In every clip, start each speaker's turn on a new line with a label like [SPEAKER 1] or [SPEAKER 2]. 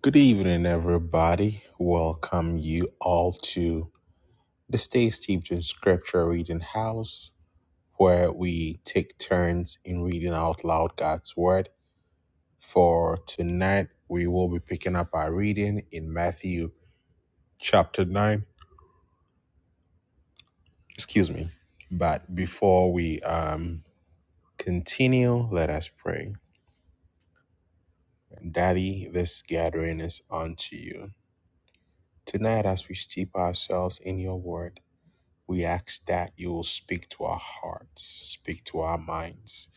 [SPEAKER 1] Good evening, everybody. Welcome you all to the Stay Steeped in Scripture Reading House, where we take turns in reading out loud God's Word. For tonight, we will be picking up our reading in Matthew chapter 9. Excuse me. But before we um, continue, let us pray. Daddy, this gathering is unto you. Tonight, as we steep ourselves in your Word, We ask that you will speak to our hearts, speak to our minds,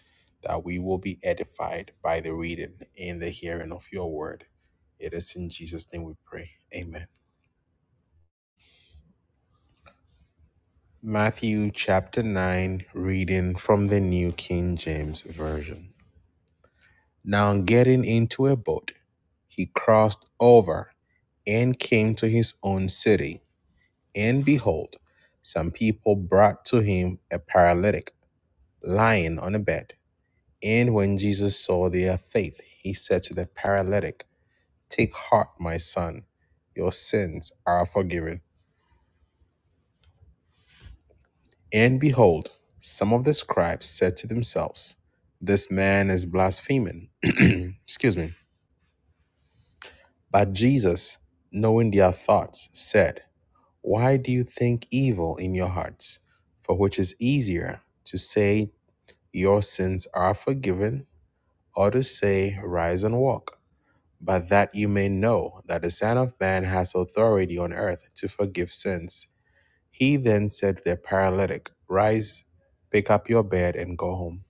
[SPEAKER 1] that we will be edified by the reading and the hearing of your word. It is in Jesus' name we pray. Amen. Matthew chapter 9, reading from the New King James Version. Now, getting into a boat, he crossed over and came to his own city. And behold, some people brought to him a paralytic lying on a bed. And when Jesus saw their faith, he said to the paralytic, Take heart, my son, your sins are forgiven. And behold, some of the scribes said to themselves, This man is blaspheming. Excuse me. But Jesus, knowing their thoughts, said, Why do you think evil in your hearts? For which is easier to say, 'Your sins are forgiven, or to say, 'Rise and walk? but that you may know that the Son of Man has authority on earth to forgive sins. He then said to the paralytic, Rise, pick up your bed, and go home.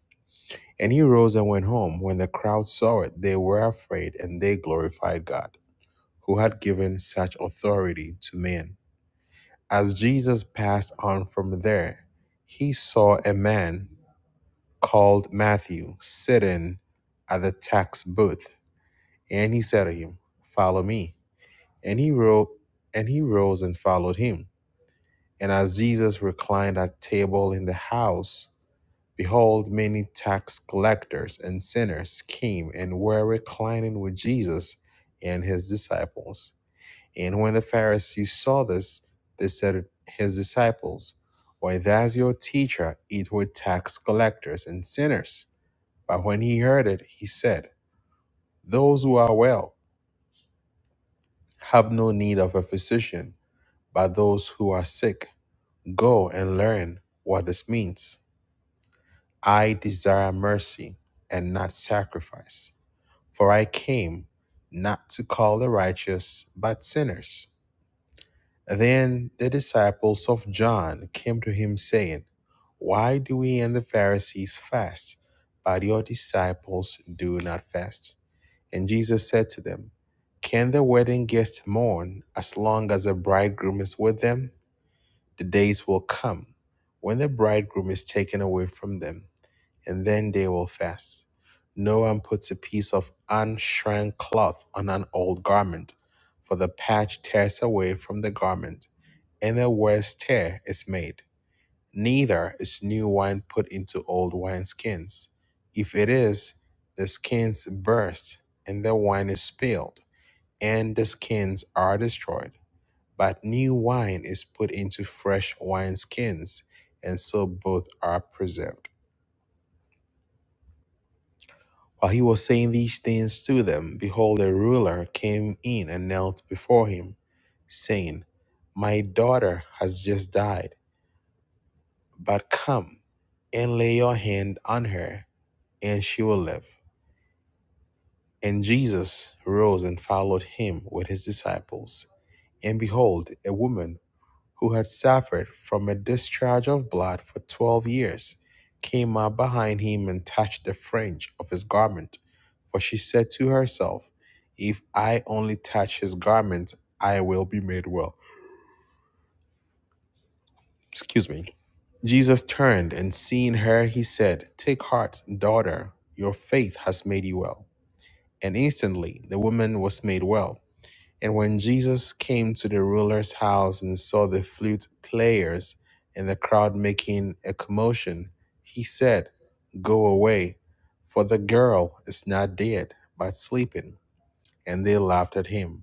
[SPEAKER 1] And he rose and went home. When the crowd saw it, they were afraid, and they glorified God, who had given such authority to man. As Jesus passed on from there, he saw a man called Matthew sitting at the tax booth, and he said to him, Follow me. And he ro- and he rose and followed him. And as Jesus reclined at table in the house, behold, many tax collectors and sinners came and were reclining with Jesus and his disciples. And when the Pharisees saw this, they said to his disciples, Why does your teacher eat with tax collectors and sinners? But when he heard it, he said, Those who are well have no need of a physician, but those who are sick. Go and learn what this means. I desire mercy and not sacrifice, for I came not to call the righteous, but sinners. Then the disciples of John came to him, saying, Why do we and the Pharisees fast, but your disciples do not fast? And Jesus said to them, Can the wedding guests mourn as long as the bridegroom is with them? The days will come when the bridegroom is taken away from them, and then they will fast. No one puts a piece of unshrunk cloth on an old garment, for the patch tears away from the garment, and a worse tear is made. Neither is new wine put into old wineskins. If it is, the skins burst, and the wine is spilled, and the skins are destroyed. But new wine is put into fresh wineskins, and so both are preserved. While he was saying these things to them, behold, a ruler came in and knelt before him, saying, My daughter has just died, but come and lay your hand on her, and she will live. And Jesus rose and followed him with his disciples. And behold, a woman who had suffered from a discharge of blood for twelve years, came up behind him and touched the fringe of his garment. For she said to herself, If I only touch his garment, I will be made well. Excuse me. Jesus turned and seeing her, he said, Take heart, daughter, your faith has made you well. And instantly the woman was made well And when Jesus came to the ruler's house and saw the flute players and the crowd making a commotion, he said, Go away, for the girl is not dead, but sleeping. And they laughed at him.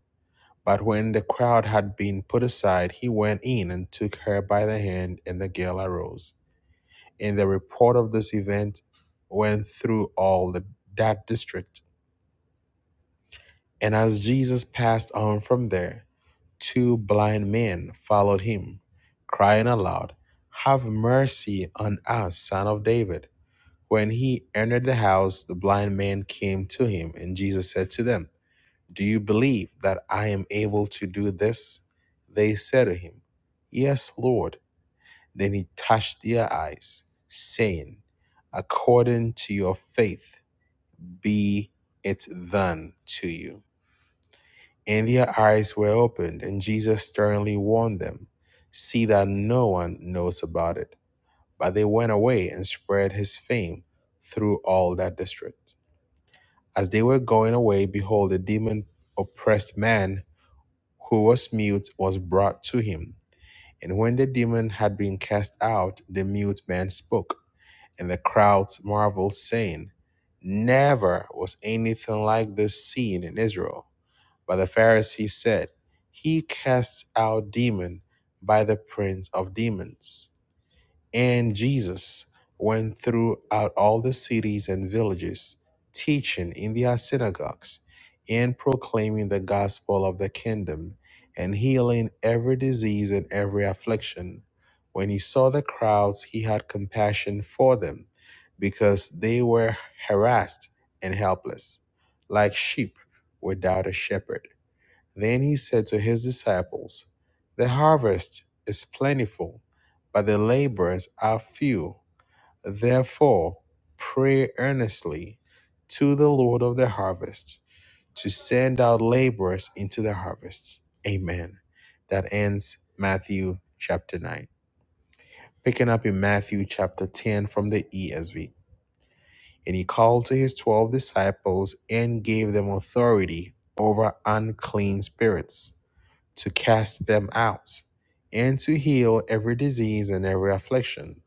[SPEAKER 1] But when the crowd had been put aside, he went in and took her by the hand, and the girl arose. And the report of this event went through all the, that district. And as Jesus passed on from there, two blind men followed him, crying aloud, Have mercy on us, son of David. When he entered the house, the blind man came to him, and Jesus said to them, Do you believe that I am able to do this? They said to him, Yes, Lord. Then he touched their eyes, saying, According to your faith, be it done to you. And their eyes were opened, and Jesus sternly warned them, See that no one knows about it. But they went away and spread his fame through all that district. As they were going away, behold, a demon oppressed man who was mute was brought to him. And when the demon had been cast out, the mute man spoke, and the crowds marveled, saying, Never was anything like this seen in Israel. But the Pharisees said, He casts out demon by the prince of demons. And Jesus went throughout all the cities and villages, teaching in their synagogues and proclaiming the gospel of the kingdom and healing every disease and every affliction. When he saw the crowds, he had compassion for them because they were harassed and helpless, like sheep without a shepherd then he said to his disciples, The harvest is plentiful, but the laborers are few. Therefore, pray earnestly to the Lord of the harvest to send out laborers into the harvest. Amen. That ends Matthew chapter 9. Picking up in Matthew chapter 10 from the ESV. And he called to his 12 disciples and gave them authority over unclean spirits to cast them out, and to heal every disease and every affliction.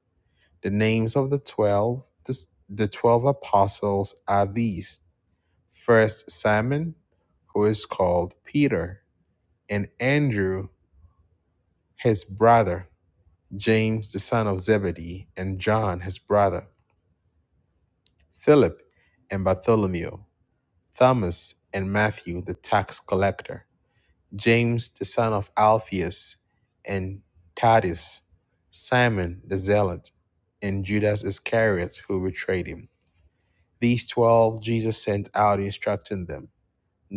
[SPEAKER 1] The names of the twelve, dis- the twelve apostles are these: first Simon, who is called Peter, and Andrew, his brother, James the son of Zebedee, and John his brother, Philip and Bartholomew, Thomas and Matthew the tax collector. James the son of Alphaeus, and Thaddeus, Simon the Zealot, and Judas Iscariot, who betrayed him. These twelve Jesus sent out, instructing them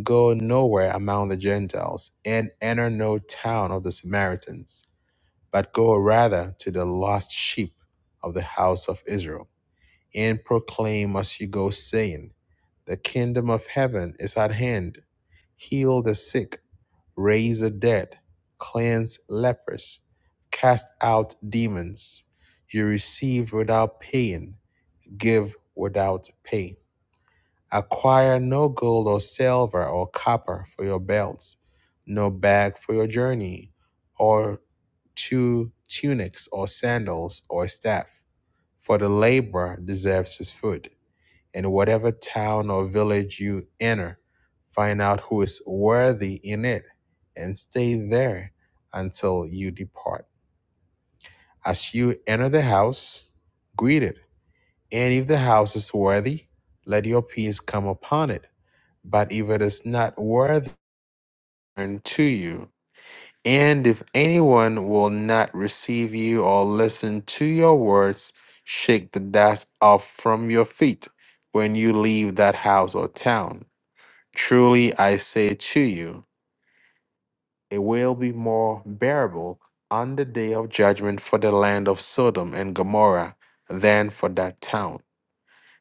[SPEAKER 1] Go nowhere among the Gentiles, and enter no town of the Samaritans, but go rather to the lost sheep of the house of Israel, and proclaim as you go, saying, The kingdom of heaven is at hand. Heal the sick raise the dead, cleanse lepers, cast out demons. You receive without paying, give without pay. Acquire no gold or silver or copper for your belts, no bag for your journey, or two tunics or sandals or staff, for the laborer deserves his food. In whatever town or village you enter, find out who is worthy in it and stay there until you depart. As you enter the house, greet it. And if the house is worthy, let your peace come upon it. But if it is not worthy, turn to you. And if anyone will not receive you or listen to your words, shake the dust off from your feet when you leave that house or town Truly I say to you, it will be more bearable on the day of judgment for the land of Sodom and Gomorrah than for that town.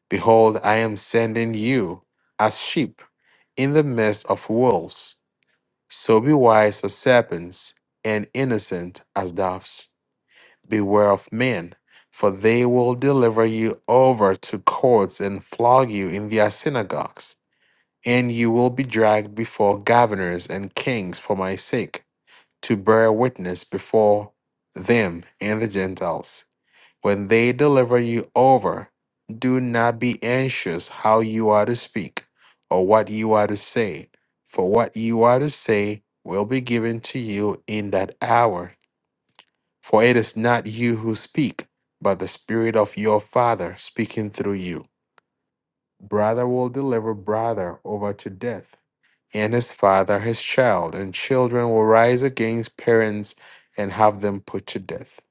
[SPEAKER 1] Behold, I am sending you as sheep in the midst of wolves. So be wise as serpents and innocent as doves. Beware of men, for they will deliver you over to courts and flog you in their synagogues And you will be dragged before governors and kings for my sake, to bear witness before them and the Gentiles. When they deliver you over, do not be anxious how you are to speak or what you are to say, for what you are to say will be given to you in that hour. For it is not you who speak, but the Spirit of your Father speaking through you. Brother will deliver brother over to death and his father his child, and children will rise against parents and have them put to death.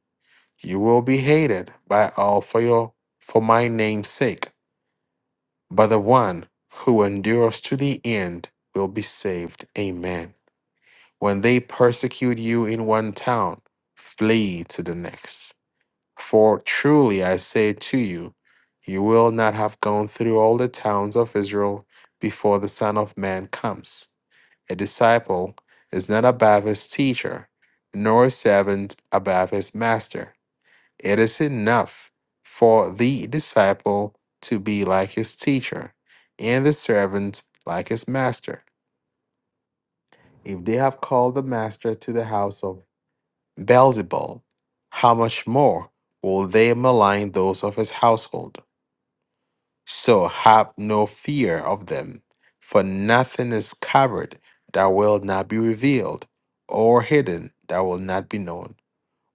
[SPEAKER 1] You will be hated by all for your for my name's sake, but the one who endures to the end will be saved. Amen. When they persecute you in one town, flee to the next. For truly I say to you, you will not have gone through all the towns of Israel before the Son of Man comes. A disciple is not a Baptist teacher, nor a servant a Baptist master. It is enough for the disciple to be like his teacher, and the servant like his master. If they have called the master to the house of Beelzebul, how much more will they malign those of his household? So have no fear of them, for nothing is covered that will not be revealed, or hidden that will not be known.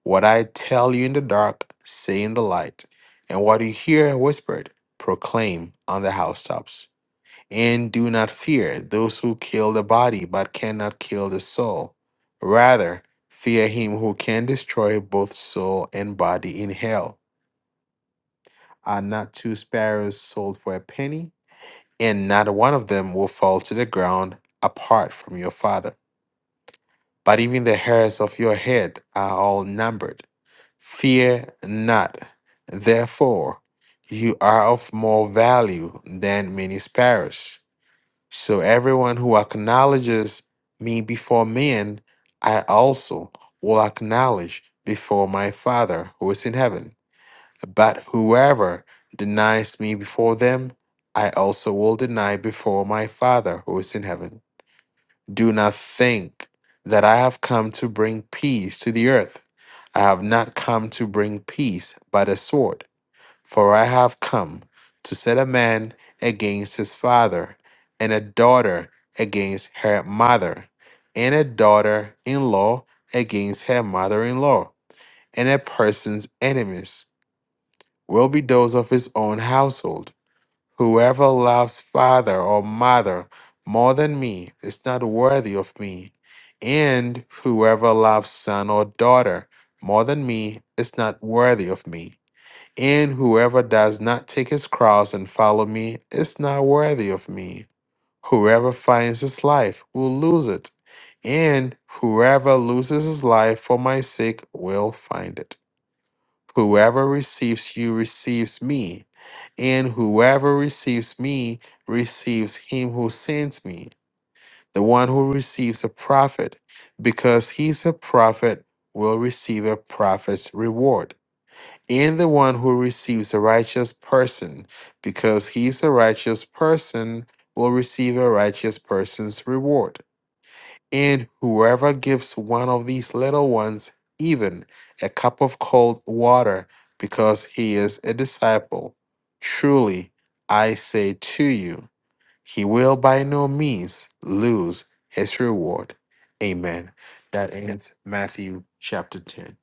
[SPEAKER 1] What I tell you in the dark, say in the light, and what you hear whispered, proclaim on the housetops. And do not fear those who kill the body but cannot kill the soul. Rather, fear him who can destroy both soul and body in hell. Are not two sparrows sold for a penny? and not one of them will fall to the ground apart from your Father. But even the hairs of your head are all numbered. Fear not, therefore, you are of more value than many sparrows. So everyone who acknowledges me before men, I also will acknowledge before my Father who is in heaven. But whoever denies me before them, I also will deny before my Father who is in heaven. Do not think that I have come to bring peace to the earth. I have not come to bring peace, but a sword. For I have come to set a man against his father, and a daughter against her mother, and a daughter in law against her mother in law, and a person's enemies will be those of his own household. Whoever loves father or mother more than me is not worthy of me, and whoever loves son or daughter more than me is not worthy of me. And whoever does not take his cross and follow me is not worthy of me. Whoever finds his life will lose it, and whoever loses his life for my sake will find it. Whoever receives you receives me, and whoever receives me receives him who sends me. The one who receives a prophet, because he's a prophet, will receive a prophet's reward. And the one who receives a righteous person, because he's a righteous person, will receive a righteous person's reward. And whoever gives one of these little ones even a cup of cold water because he is a disciple, truly I say to you, he will by no means lose his reward. Amen. That ends Matthew chapter 10.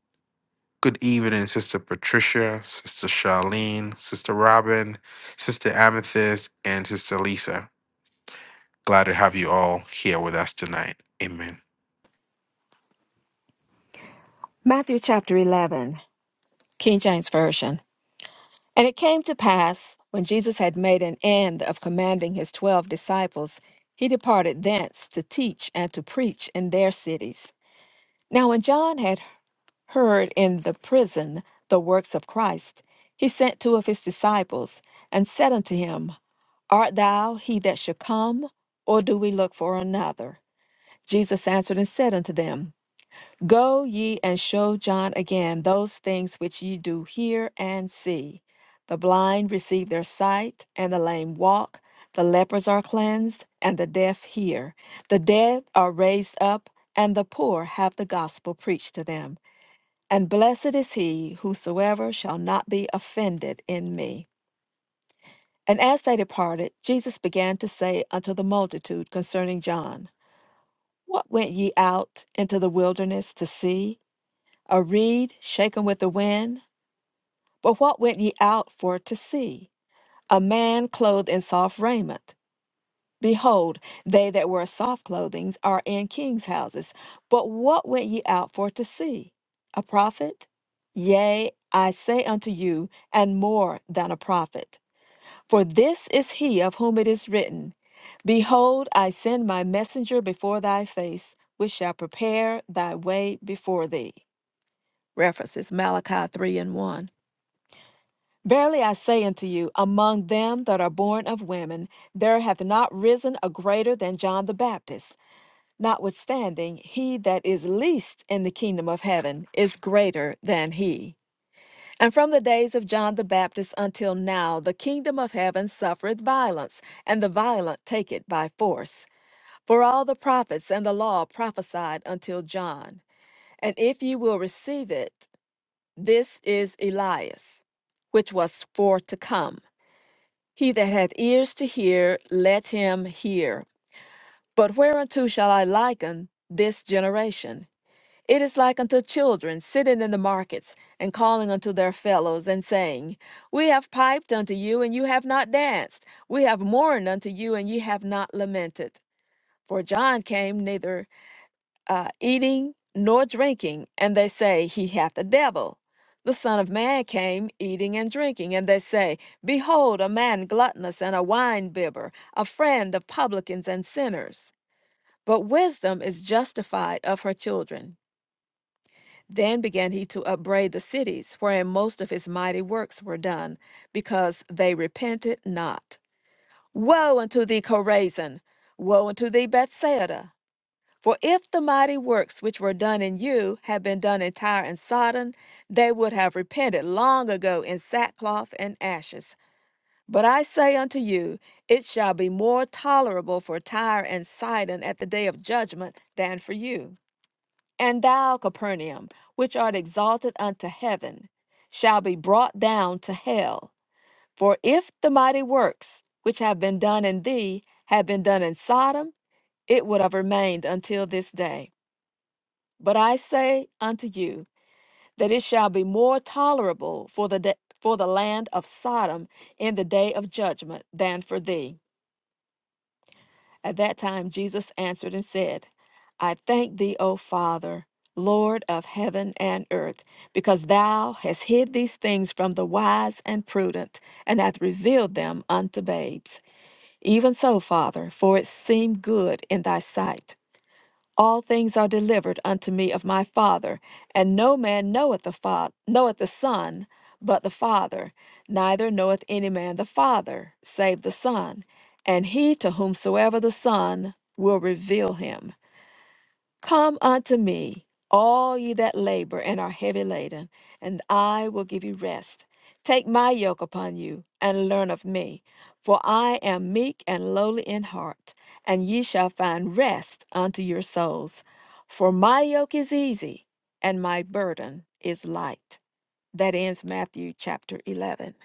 [SPEAKER 1] Good evening, Sister Patricia, Sister Charlene, Sister Robin, Sister Amethyst, and Sister Lisa. Glad to have you all here with us tonight. Amen.
[SPEAKER 2] Matthew chapter 11, King James Version. And it came to pass, when Jesus had made an end of commanding his twelve disciples, he departed thence to teach and to preach in their cities. Now, when John had heard in the prison the works of Christ, he sent two of his disciples and said unto him, Art thou he that should come, or do we look for another? Jesus answered and said unto them, Go ye and show John again those things which ye do hear and see. The blind receive their sight, and the lame walk, the lepers are cleansed, and the deaf hear. The dead are raised up, and the poor have the gospel preached to them. And blessed is he whosoever shall not be offended in me. And as they departed, Jesus began to say unto the multitude concerning John, What went ye out into the wilderness to see? a reed shaken with the wind? But what went ye out for to see? A man clothed in soft raiment. Behold, they that wear soft clothing are in kings' houses. But what went ye out for to see? A prophet? Yea, I say unto you, and more than a prophet. For this is he of whom it is written, Behold, I send my messenger before thy face, which shall prepare thy way before thee. References Malachi 3 and 1. Verily I say unto you, among them that are born of women, there hath not risen a greater than John the Baptist. Notwithstanding, he that is least in the kingdom of heaven is greater than he. And from the days of John the Baptist until now, the kingdom of heaven suffereth violence, and the violent take it by force. For all the prophets and the law prophesied until John. And if ye will receive it, this is Elias, which was for to come. He that hath ears to hear, let him hear. But whereunto shall I liken this generation? It is like unto children sitting in the markets and calling unto their fellows and saying, We have piped unto you, and you have not danced. We have mourned unto you, and ye have not lamented. For John came neither uh, eating nor drinking, and they say, He hath a devil. The Son of Man came eating and drinking, and they say, Behold, a man gluttonous and a winebibber, a friend of publicans and sinners. But wisdom is justified of her children. Then began he to upbraid the cities wherein most of his mighty works were done, because they repented not. Woe unto thee, Chorazin! Woe unto thee, Bethsaida! For if the mighty works which were done in you had been done in Tyre and Sodom, they would have repented long ago in sackcloth and ashes. But I say unto you, it shall be more tolerable for Tyre and Sidon at the day of judgment than for you. And thou, Capernaum, which art exalted unto heaven, shall be brought down to hell. For if the mighty works which have been done in thee had been done in Sodom, it would have remained until this day. But I say unto you that it shall be more tolerable for the da- for the land of Sodom in the day of judgment than for thee. At that time Jesus answered and said, I thank thee, O Father, Lord of heaven and earth, because thou hast hid these things from the wise and prudent, and hath revealed them unto babes. Even so, Father, for it seemed good in thy sight. All things are delivered unto me of my Father, and no man knoweth the Father, knoweth the Son, but the Father; neither knoweth any man the Father, save the Son, and he to whomsoever the Son will reveal him. Come unto me, all ye that labor and are heavy laden, and I will give you rest. Take my yoke upon you, and learn of me, for I am meek and lowly in heart, and ye shall find rest unto your souls. For my yoke is easy, and my burden is light. That ends Matthew chapter 11.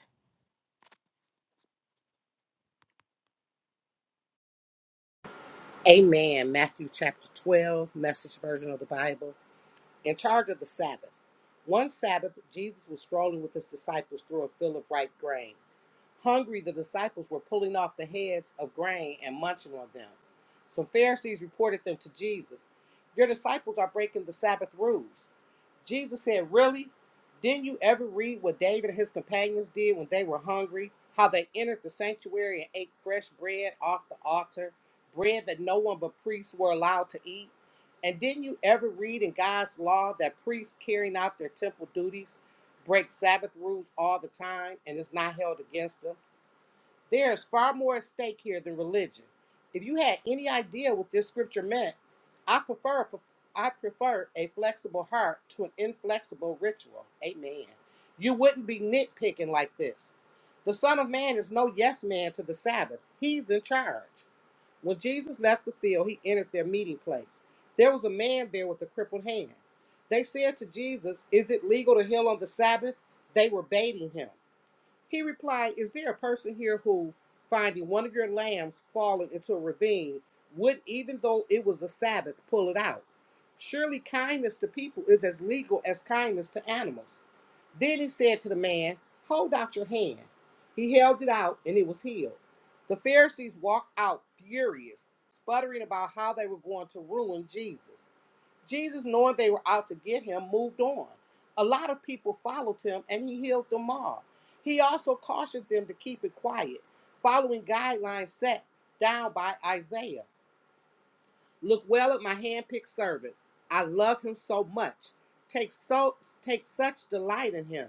[SPEAKER 3] Amen. Matthew chapter 12, message version of the Bible. In charge of the Sabbath. One Sabbath, Jesus was strolling with his disciples through a field of ripe grain. Hungry, the disciples were pulling off the heads of grain and munching on them. Some Pharisees reported them to Jesus. Your disciples are breaking the Sabbath rules. Jesus said, Really? Didn't you ever read what David and his companions did when they were hungry? How they entered the sanctuary and ate fresh bread off the altar, bread that no one but priests were allowed to eat? And didn't you ever read in God's law that priests carrying out their temple duties break Sabbath rules all the time and is not held against them? There is far more at stake here than religion. If you had any idea what this scripture meant, I prefer I prefer a flexible heart to an inflexible ritual. Amen. You wouldn't be nitpicking like this. The Son of Man is no yes man to the Sabbath. He's in charge. When Jesus left the field, he entered their meeting place. There was a man there with a crippled hand. They said to Jesus, Is it legal to heal on the Sabbath? They were baiting him. He replied, Is there a person here who, finding one of your lambs fallen into a ravine, would, even though it was a Sabbath, pull it out? Surely kindness to people is as legal as kindness to animals. Then he said to the man, Hold out your hand. He held it out, and it was healed. The Pharisees walked out furious, sputtering about how they were going to ruin Jesus. Jesus, knowing they were out to get him, moved on. A lot of people followed him and he healed them all. He also cautioned them to keep it quiet, following guidelines set down by Isaiah. Look well at my hand-picked servant. I love him so much. Take so take such delight in him.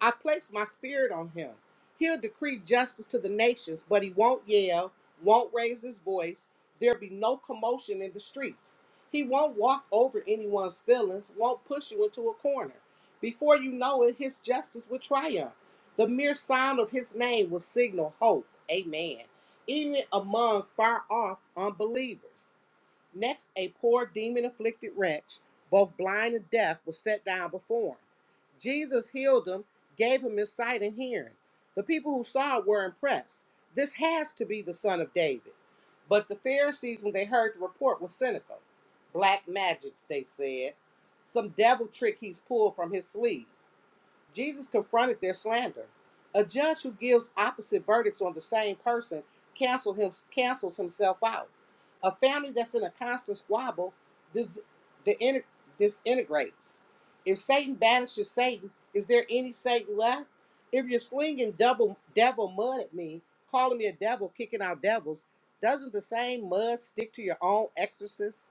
[SPEAKER 3] I place my spirit on him. He'll decree justice to the nations, but he won't yell, won't raise his voice. There'll be no commotion in the streets. He won't walk over anyone's feelings, won't push you into a corner. Before you know it, his justice will triumph. The mere sound of his name will signal hope. Amen. Even among far off unbelievers. Next, a poor demon afflicted wretch, both blind and deaf, was set down before him. Jesus healed him, gave him his sight and hearing. The people who saw it were impressed. This has to be the son of David. But the Pharisees, when they heard the report, were cynical. Black magic, they said. Some devil trick he's pulled from his sleeve. Jesus confronted their slander. A judge who gives opposite verdicts on the same person cancel him, cancels himself out. A family that's in a constant squabble dis, disintegrates. If Satan banishes Satan, is there any Satan left? If you're slinging double devil mud at me, calling me a devil, kicking out devils, doesn't the same mud stick to your own exorcist?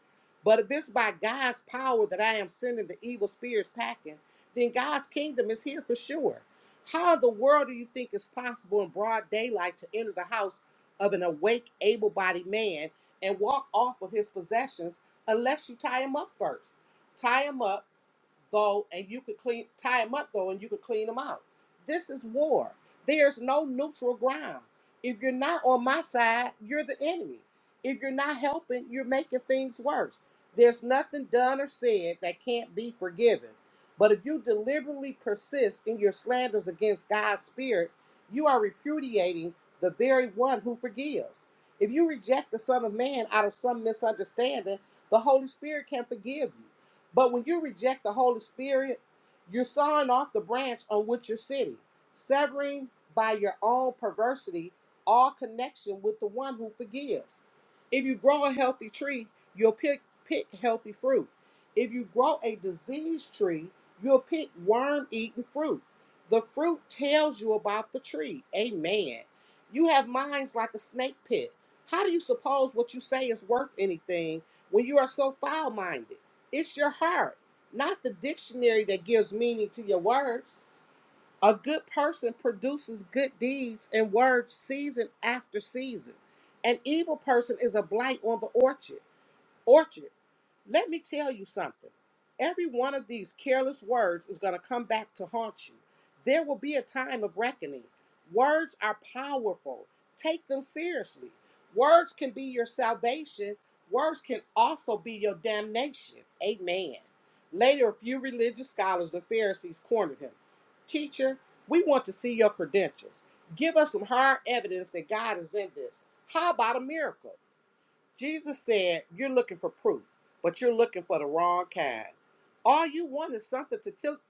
[SPEAKER 3] But if it's by God's power that I am sending the evil spirits packing, then God's kingdom is here for sure. How in the world do you think it's possible in broad daylight to enter the house of an awake, able bodied man and walk off with his possessions unless you tie him up first? Tie him up though, and you could clean tie them up though, and you could clean them out. This is war. There's no neutral ground. If you're not on my side, you're the enemy. If you're not helping, you're making things worse. There's nothing done or said that can't be forgiven. But if you deliberately persist in your slanders against God's Spirit, you are repudiating the very one who forgives. If you reject the Son of Man out of some misunderstanding, the Holy Spirit can forgive you. But when you reject the Holy Spirit, you're sawing off the branch on which you're sitting, severing by your own perversity all connection with the one who forgives. If you grow a healthy tree, you'll pick, pick healthy fruit. If you grow a diseased tree, you'll pick worm eaten fruit. The fruit tells you about the tree. Amen. You have minds like a snake pit. How do you suppose what you say is worth anything when you are so foul minded? It's your heart, not the dictionary that gives meaning to your words. A good person produces good deeds and words season after season. An evil person is a blight on the orchard. Orchard, let me tell you something. Every one of these careless words is going to come back to haunt you. There will be a time of reckoning. Words are powerful, take them seriously. Words can be your salvation, words can also be your damnation. Amen. Later, a few religious scholars and Pharisees cornered him. Teacher, we want to see your credentials. Give us some hard evidence that God is in this. How about a miracle? Jesus said, You're looking for proof, but you're looking for the wrong kind. All you want is something to til-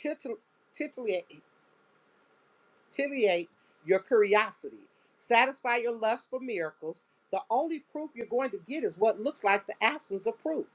[SPEAKER 3] titil- titillate titillate your curiosity, satisfy your lust for miracles. The only proof you're going to get is what looks like the absence of proof.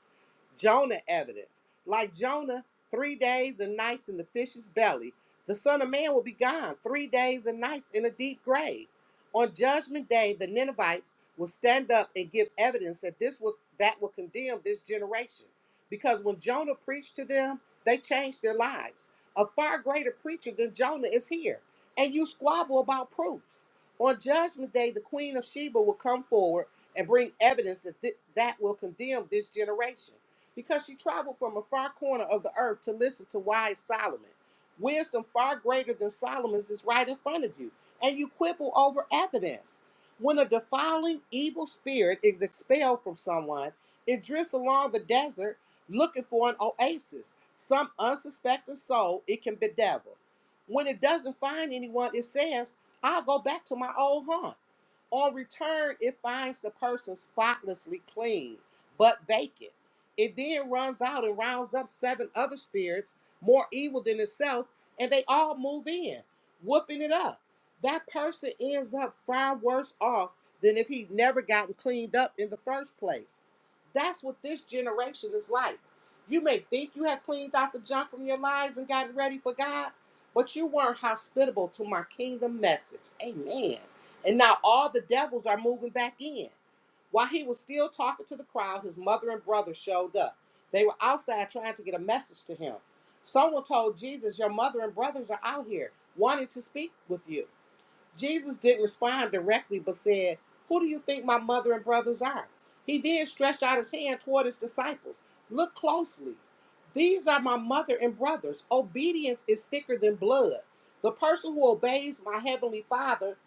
[SPEAKER 3] Jonah evidence. Like Jonah, three days and nights in the fish's belly, the Son of Man will be gone three days and nights in a deep grave. On Judgment Day, the Ninevites will stand up and give evidence that this will that will condemn this generation. Because when Jonah preached to them, they changed their lives. A far greater preacher than Jonah is here and you squabble about proofs. On Judgment Day, the Queen of Sheba will come forward and bring evidence that thi- that will condemn this generation because she traveled from a far corner of the earth to listen to wise Solomon. Wisdom far greater than Solomon's is right in front of you, and you quibble over evidence. When a defiling evil spirit is expelled from someone, it drifts along the desert looking for an oasis, some unsuspecting soul it can bedevil. When it doesn't find anyone, it says, I'll go back to my old haunt. On return, it finds the person spotlessly clean, but vacant. It then runs out and rounds up seven other spirits, more evil than itself, and they all move in, whooping it up. That person ends up far worse off than if he'd never gotten cleaned up in the first place. That's what this generation is like. You may think you have cleaned out the junk from your lives and gotten ready for God, but you weren't hospitable to my kingdom message. Amen. And now all the devils are moving back in. While he was still talking to the crowd, his mother and brother showed up. They were outside trying to get a message to him. Someone told Jesus, Your mother and brothers are out here wanting to speak with you. Jesus didn't respond directly, but said, Who do you think my mother and brothers are? He then stretched out his hand toward his disciples. Look closely. These are my mother and brothers. Obedience is thicker than blood. The person who obeys my heavenly father,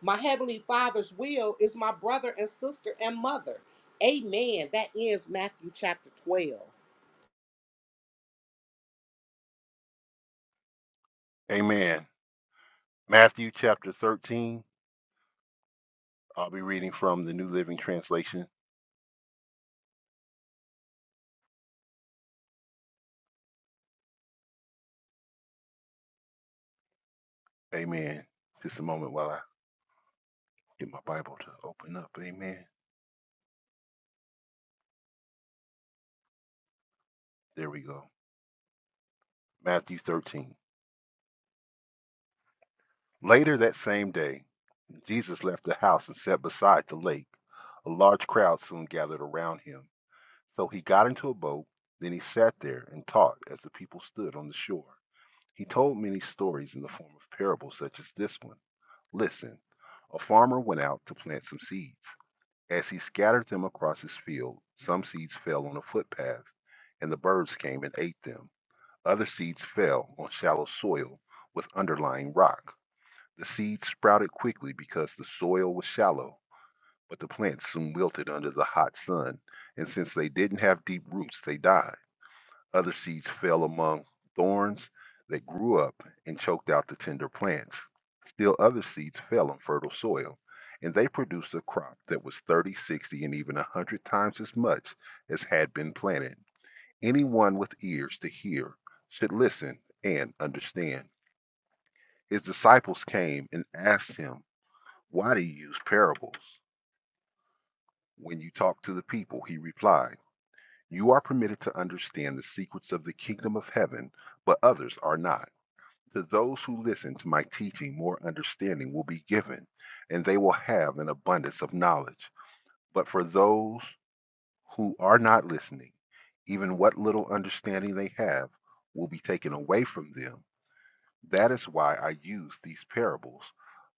[SPEAKER 3] my heavenly father's will, is my brother and sister and mother. Amen. That ends Matthew chapter 12.
[SPEAKER 4] Amen. Matthew chapter 13. I'll be reading from the New Living Translation. Amen. Just a moment while I get my Bible to open up. Amen. There we go. Matthew 13. Later that same day, Jesus left the house and sat beside the lake. A large crowd soon gathered around him. So he got into a boat. Then he sat there and taught as the people stood on the shore. He told many stories in the form of parables, such as this one. Listen, a farmer went out to plant some seeds. As he scattered them across his field, some seeds fell on a footpath, and the birds came and ate them. Other seeds fell on shallow soil with underlying rock. The seeds sprouted quickly because the soil was shallow, but the plants soon wilted under the hot sun, and since they didn't have deep roots, they died. Other seeds fell among thorns that grew up and choked out the tender plants. Still other seeds fell on fertile soil, and they produced a crop that was 30, 60, and even a 100 times as much as had been planted. Anyone with ears to hear should listen and understand. His disciples came and asked him, Why do you use parables? When you talk to the people, he replied, You are permitted to understand the secrets of the kingdom of heaven, but others are not. To those who listen to my teaching, more understanding will be given, and they will have an abundance of knowledge. But for those who are not listening, even what little understanding they have will be taken away from them. That is why I use these parables,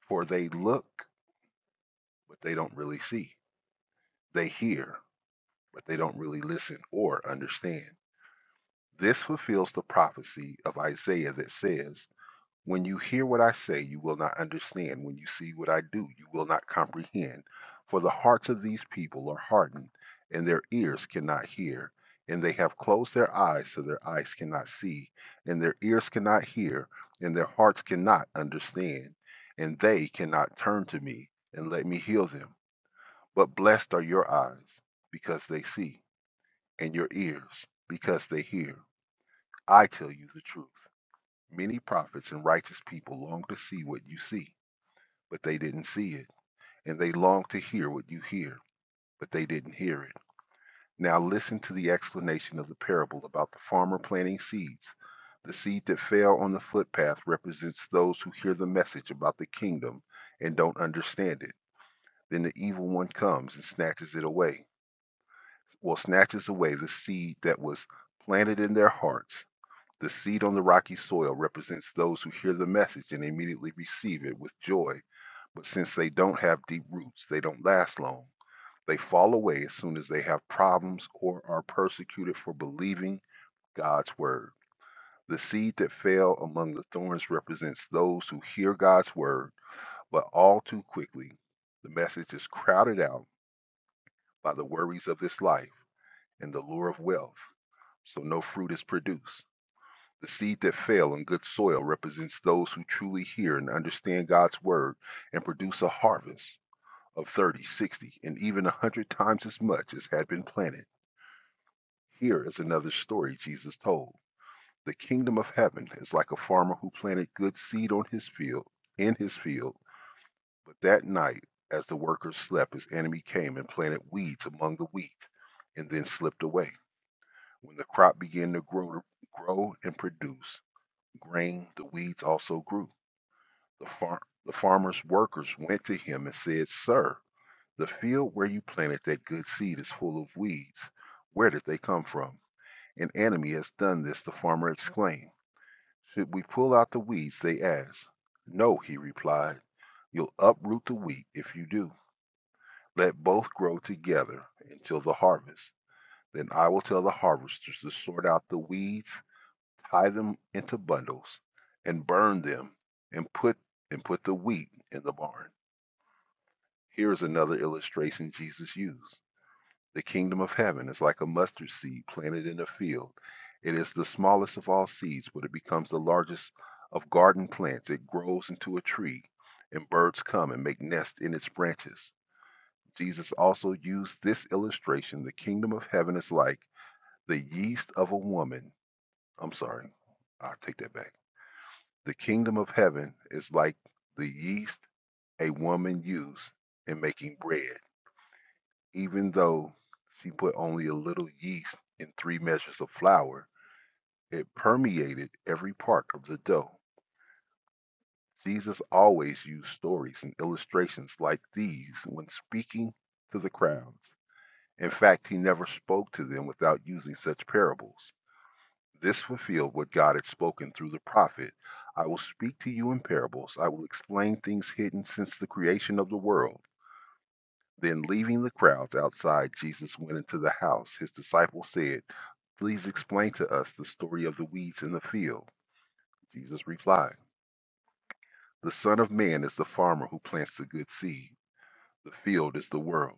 [SPEAKER 4] for they look, but they don't really see. They hear, but they don't really listen or understand. This fulfills the prophecy of Isaiah that says, When you hear what I say, you will not understand. When you see what I do, you will not comprehend. For the hearts of these people are hardened, and their ears cannot hear. And they have closed their eyes so their eyes cannot see, and their ears cannot hear, and their hearts cannot understand. And they cannot turn to me and let me heal them. But blessed are your eyes, because they see, and your ears, because they hear. I tell you the truth. Many prophets and righteous people long to see what you see but they didn't see it. And they long to hear what you hear, but they didn't hear it. Now listen to the explanation of the parable about the farmer planting seeds. The seed that fell on the footpath represents those who hear the message about the kingdom and don't understand it. Then the evil one comes and snatches it away. Well, snatches away the seed that was planted in their hearts. The seed on the rocky soil represents those who hear the message and immediately receive it with joy But since they don't have deep roots, they don't last long. They fall away as soon as they have problems or are persecuted for believing God's word. The seed that fell among the thorns represents those who hear God's word, but all too quickly, the message is crowded out by the worries of this life and the lure of wealth, so no fruit is produced. The seed that fell on good soil represents those who truly hear and understand God's word and produce a harvest. of 30, 60, and even a 100 times as much as had been planted. Here is another story Jesus told. The kingdom of heaven is like a farmer who planted good seed on his field, in his field, but that night, as the workers slept, his enemy came and planted weeds among the wheat and then slipped away. When the crop began to grow, grow and produce grain, the weeds also grew. The, far- the farmer's workers went to him and said, Sir, The field where you planted that good seed is full of weeds. Where did they come from? An enemy has done this, the farmer exclaimed. Should we pull out the weeds? They asked. No, he replied. You'll uproot the wheat if you do. Let both grow together until the harvest. Then I will tell the harvesters to sort out the weeds, tie them into bundles, and burn them, and put and put the wheat in the barn. Here is another illustration Jesus used. The kingdom of heaven is like a mustard seed planted in a field. It is the smallest of all seeds, but it becomes the largest of garden plants. It grows into a tree, and birds come and make nests in its branches. Jesus also used this illustration the kingdom of heaven is like the yeast of a woman. I'm sorry, I'll take that back. The kingdom of heaven is like the yeast a woman used in making bread. Even though she put only a little yeast in three measures of flour, it permeated every part of the dough. Jesus always used stories and illustrations like these when speaking to the crowds. In fact, he never spoke to them without using such parables. This fulfilled what God had spoken through the prophet I will speak to you in parables, I will explain things hidden since the creation of the world. Then, leaving the crowds outside, Jesus went into the house. His disciples said, Please explain to us the story of the weeds in the field. Jesus replied, The Son of Man is the farmer who plants the good seed. The field is the world,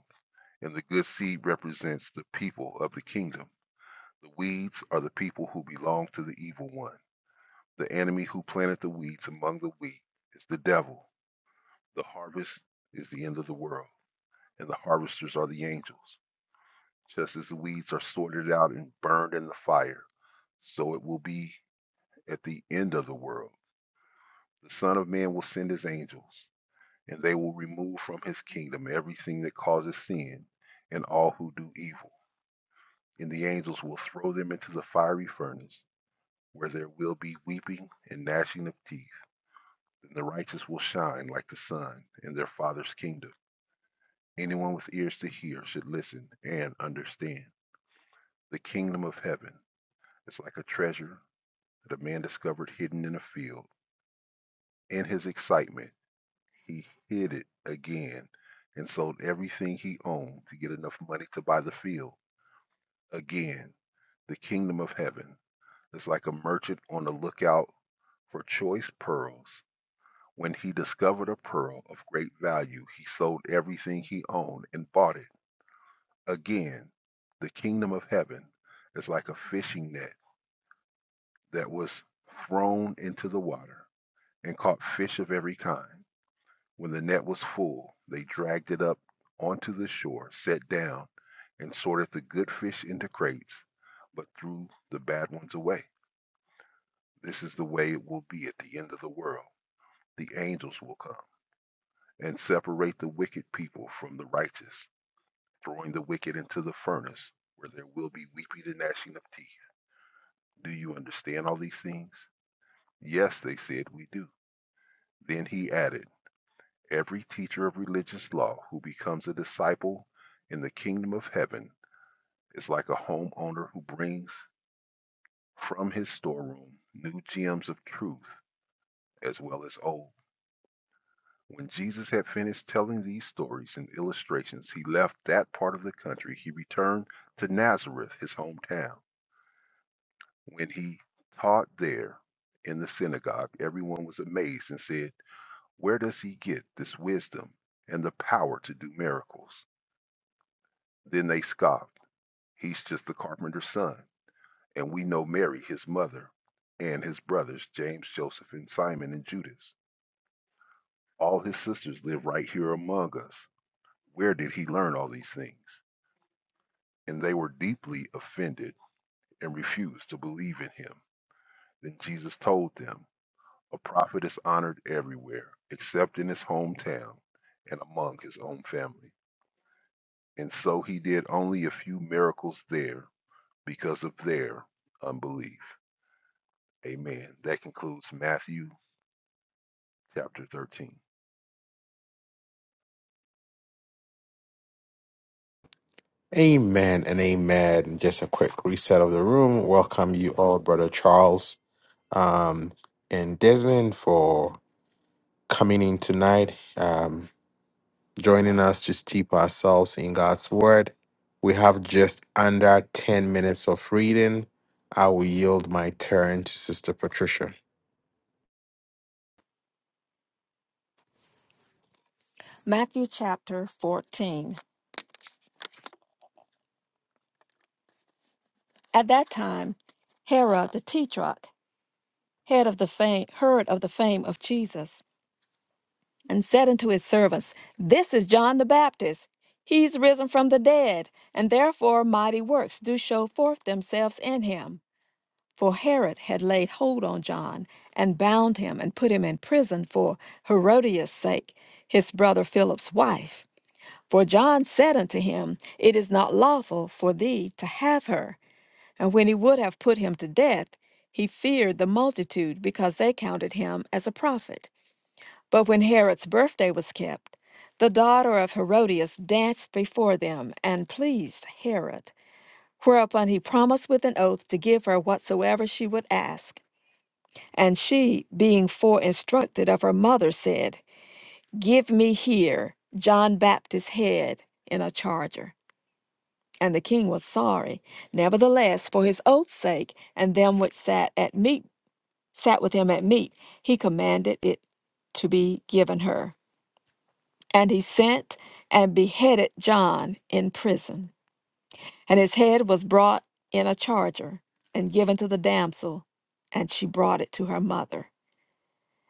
[SPEAKER 4] and the good seed represents the people of the kingdom. The weeds are the people who belong to the evil one. The enemy who planted the weeds among the wheat is the devil. The harvest is the end of the world, and the harvesters are the angels. Just as the weeds are sorted out and burned in the fire, so it will be at the end of the world. The Son of Man will send his angels, and they will remove from his kingdom everything that causes sin and all who do evil. And the angels will throw them into the fiery furnace, where there will be weeping and gnashing of teeth. Then the righteous will shine like the sun in their Father's kingdom. Anyone with ears to hear should listen and understand. The kingdom of heaven is like a treasure that a man discovered hidden in a field. In his excitement, He hid it again and sold everything he owned to get enough money to buy the field. Again, the kingdom of heaven is like a merchant on the lookout for choice pearls. When he discovered a pearl of great value, he sold everything he owned and bought it. Again, the kingdom of heaven is like a fishing net that was thrown into the water and caught fish of every kind. When the net was full, they dragged it up onto the shore, sat down, and sorted the good fish into crates, but threw the bad ones away. This is the way it will be at the end of the world. The angels will come and separate the wicked people from the righteous, throwing the wicked into the furnace, where there will be weeping and gnashing of teeth. Do you understand all these things? Yes, they said, we do. Then he added, Every teacher of religious law who becomes a disciple in the kingdom of heaven is like a homeowner who brings from his storeroom new gems of truth as well as old. When Jesus had finished telling these stories and illustrations, he left that part of the country. He returned to Nazareth, his hometown. When he taught there in the synagogue, everyone was amazed and said, Where does he get this wisdom and the power to do miracles? Then they scoffed. He's just the carpenter's son. And we know Mary, his mother, and his brothers, James, Joseph, and Simon and Judas. All his sisters live right here among us. Where did he learn all these things? And they were deeply offended and refused to believe in him. Then Jesus told them, A prophet is honored everywhere, except in his hometown and among his own family. And so he did only a few miracles there because of their unbelief. Amen. That concludes Matthew chapter 13.
[SPEAKER 1] Amen and amen. Just a quick reset of the room. Welcome you all, Brother Charles um, and Desmond, for coming in tonight, um, joining us to steep ourselves in God's Word. We have just under 10 minutes of reading. I will yield my turn to Sister Patricia.
[SPEAKER 2] Matthew chapter 14. At that time, Herod the Tetrarch, head of the fame, heard of the fame of Jesus and said unto his servants, This is John the Baptist. He's risen from the dead, and therefore mighty works do show forth themselves in him. For Herod had laid hold on John, and bound him, and put him in prison for Herodias' sake, his brother Philip's wife. For John said unto him, It is not lawful for thee to have her. And when he would have put him to death, he feared the multitude, because they counted him as a prophet. But when Herod's birthday was kept, the daughter of Herodias danced before them and pleased Herod, whereupon he promised with an oath to give her whatsoever she would ask. And she, being fore instructed of her mother, said, Give me here John Baptist's head in a charger. And the king was sorry. Nevertheless, for his oath's sake, and them which sat at meat sat with him at meat, he commanded it to be given her. And he sent and beheaded John in prison. And his head was brought in a charger and given to the damsel, and she brought it to her mother.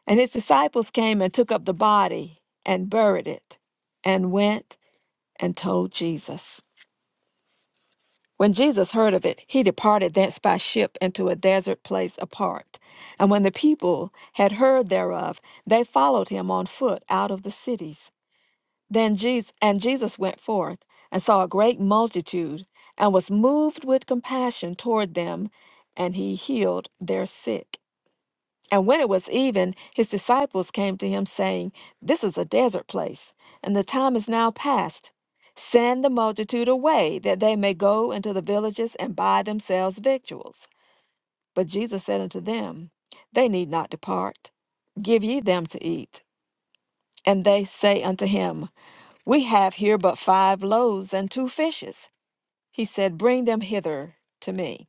[SPEAKER 2] And his disciples came and took up the body and buried it, and went and told Jesus. When Jesus heard of it, he departed thence by ship into a desert place apart. And when the people had heard thereof, they followed him on foot out of the cities. Then Jesus and Jesus went forth and saw a great multitude and was moved with compassion toward them, and he healed their sick. And when it was even, his disciples came to him saying, This is a desert place, and the time is now past. Send the multitude away that they may go into the villages and buy themselves victuals. But Jesus said unto them, They need not depart. Give ye them to eat. And they say unto him, we have here but five loaves and two fishes. He said, Bring them hither to me.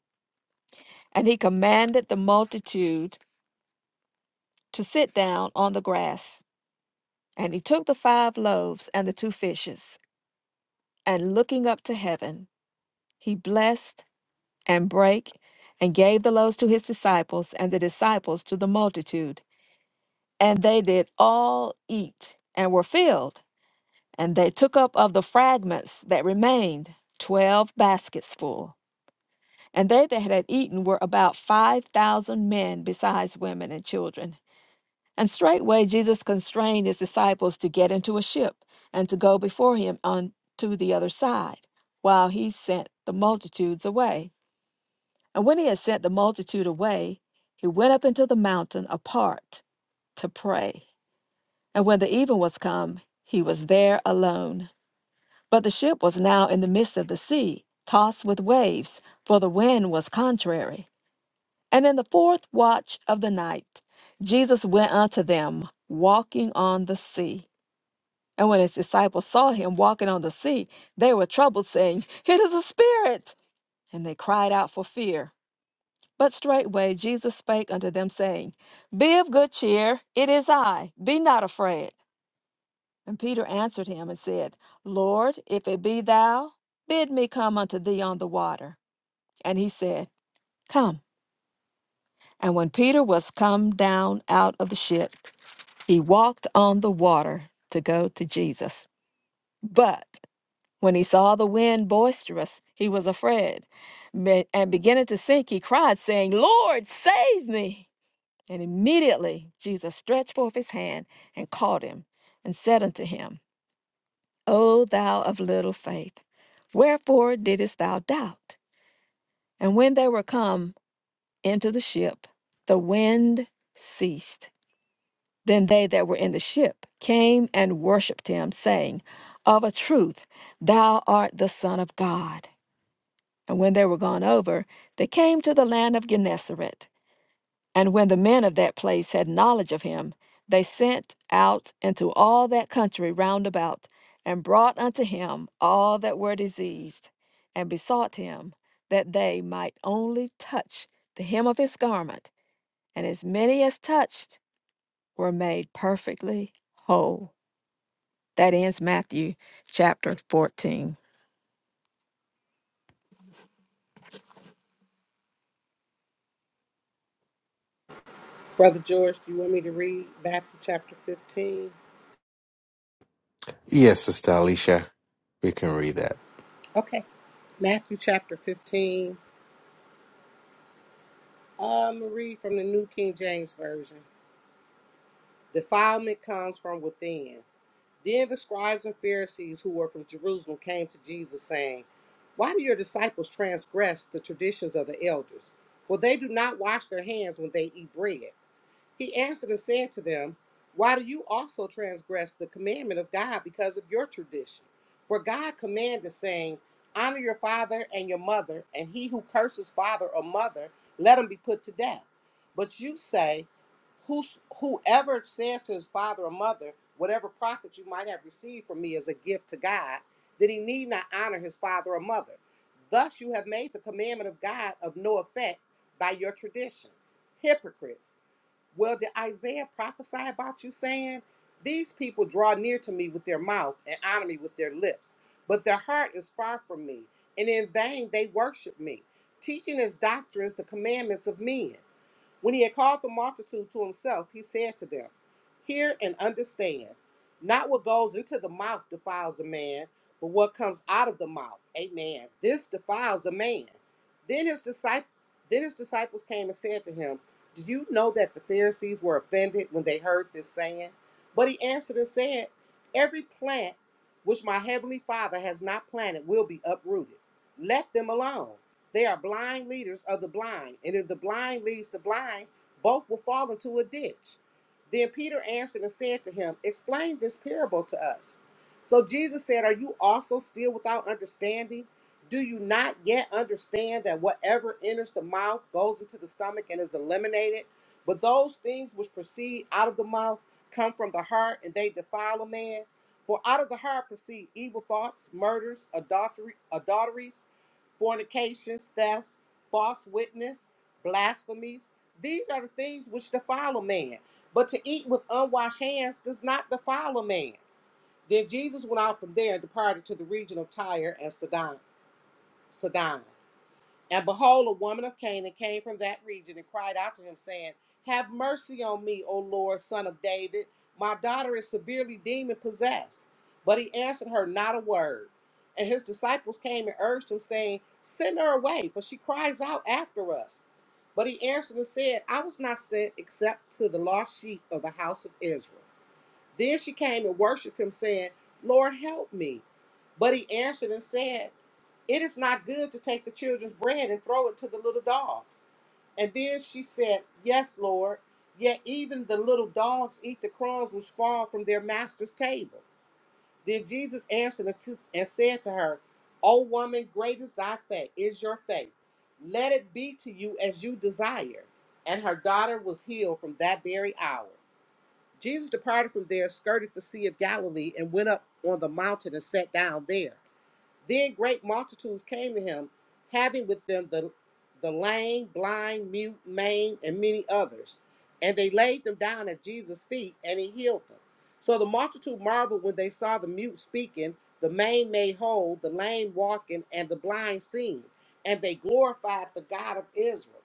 [SPEAKER 2] And he commanded the multitude to sit down on the grass. And he took the five loaves and the two fishes, and looking up to heaven, he blessed and brake and gave the loaves to his disciples, and the disciples to the multitude. And they did all eat and were filled. And they took up of the fragments that remained twelve baskets full. And they that had eaten were about five thousand men, besides women and children. And straightway Jesus constrained his disciples to get into a ship and to go before him unto the other side, while he sent the multitudes away. And when he had sent the multitude away, he went up into the mountain apart to pray. And when the even was come, he was there alone. But the ship was now in the midst of the sea, tossed with waves, for the wind was contrary. And in the fourth watch of the night, Jesus went unto them, walking on the sea. And when his disciples saw him walking on the sea, they were troubled, saying, It is a spirit! And they cried out for fear. But straightway Jesus spake unto them, saying, Be of good cheer, it is I, be not afraid. And Peter answered him and said, Lord, if it be thou, bid me come unto thee on the water. And he said, Come. And when Peter was come down out of the ship, He walked on the water to go to Jesus. But when he saw the wind boisterous, he was afraid. Ma- And beginning to sink, he cried, saying, Lord, save me. And immediately Jesus stretched forth his hand and caught him and said unto him, O thou of little faith, wherefore didst thou doubt? And when they were come into the ship, the wind ceased Then they that were in the ship came and worshipped him, saying, Of a truth, thou art the Son of God. And when they were gone over, they came to the land of Gennesaret. And when the men of that place had knowledge of him, they sent out into all that country round about, and brought unto him all that were diseased, and besought him that they might only touch the hem of his garment. And as many as touched were made perfectly whole. That ends Matthew chapter 14.
[SPEAKER 3] Brother George, do you want me to read Matthew chapter 15?
[SPEAKER 1] Yes, Sister Alicia, we can read that.
[SPEAKER 3] Okay, Matthew chapter 15 Uh, Marie from the New King James Version. Defilement comes from within. Then the scribes and Pharisees who were from Jerusalem came to Jesus, saying, Why do your disciples transgress the traditions of the elders? For they do not wash their hands when they eat bread. He answered and said to them, Why do you also transgress the commandment of God because of your tradition? For God commanded, saying, Honor your father and your mother, and he who curses father or mother, let him be put to death. But you say, Whos Whoever says to his father or mother, Whatever profit you might have received from me is a gift to God, then he need not honor his father or mother. Thus you have made the commandment of God of no effect by your tradition hypocrites. Well, did Isaiah prophesy about you saying, These people draw near to me with their mouth and honor me with their lips, but their heart is far from me, and in vain they worship me, teaching as doctrines the commandments of men. When he had called the multitude to himself, he said to them, Hear and understand. Not what goes into the mouth defiles a man, but what comes out of the mouth. Amen. This defiles a man. Then his disciples then his disciples came and said to him, "Do you know that the Pharisees were offended when they heard this saying? But he answered and said, Every plant which my heavenly Father has not planted will be uprooted. Let them alone. They are blind leaders of the blind, and if the blind leads the blind, both will fall into a ditch. Then Peter answered and said to him, Explain this parable to us. So Jesus said, Are you also still without understanding? Do you not yet understand that whatever enters the mouth goes into the stomach and is eliminated? But those things which proceed out of the mouth come from the heart, and they defile a man. For out of the heart proceed evil thoughts, murders, adultery, adulteries fornications, thefts, false witness, blasphemies. These are the things which defile a man. But to eat with unwashed hands does not defile a man. Then Jesus went out from there and departed to the region of Tyre and Sidon. Sidon. And behold, a woman of Canaan came from that region and cried out to him, saying, Have mercy on me, O Lord, son of David. My daughter is severely demon possessed. But he answered her not a word. And his disciples came and urged him, saying, Send her away, for she cries out after us. But he answered and said, I was not sent except to the lost sheep of the house of Israel. Then she came and worshipped him, saying, Lord, help me. But he answered and said, it is not good to take the children's bread and throw it to the little dogs. And then she said, Yes, Lord, yet even the little dogs eat the crumbs which fall from their master's table. Then Jesus answered and to- and said to her, O woman, great is thy faith, is your faith. Let it be to you as you desire. And her daughter was healed from that very hour. Jesus departed from there, skirted the Sea of Galilee, and went up on the mountain and sat down there. Then great multitudes came to him, having with them the, the lame, blind, mute, maimed, and many others. And they laid them down at Jesus' feet, and he healed them. So the multitude marveled when they saw the mute speaking, the maimed made whole, the lame walking, and the blind seeing. And they glorified the God of Israel.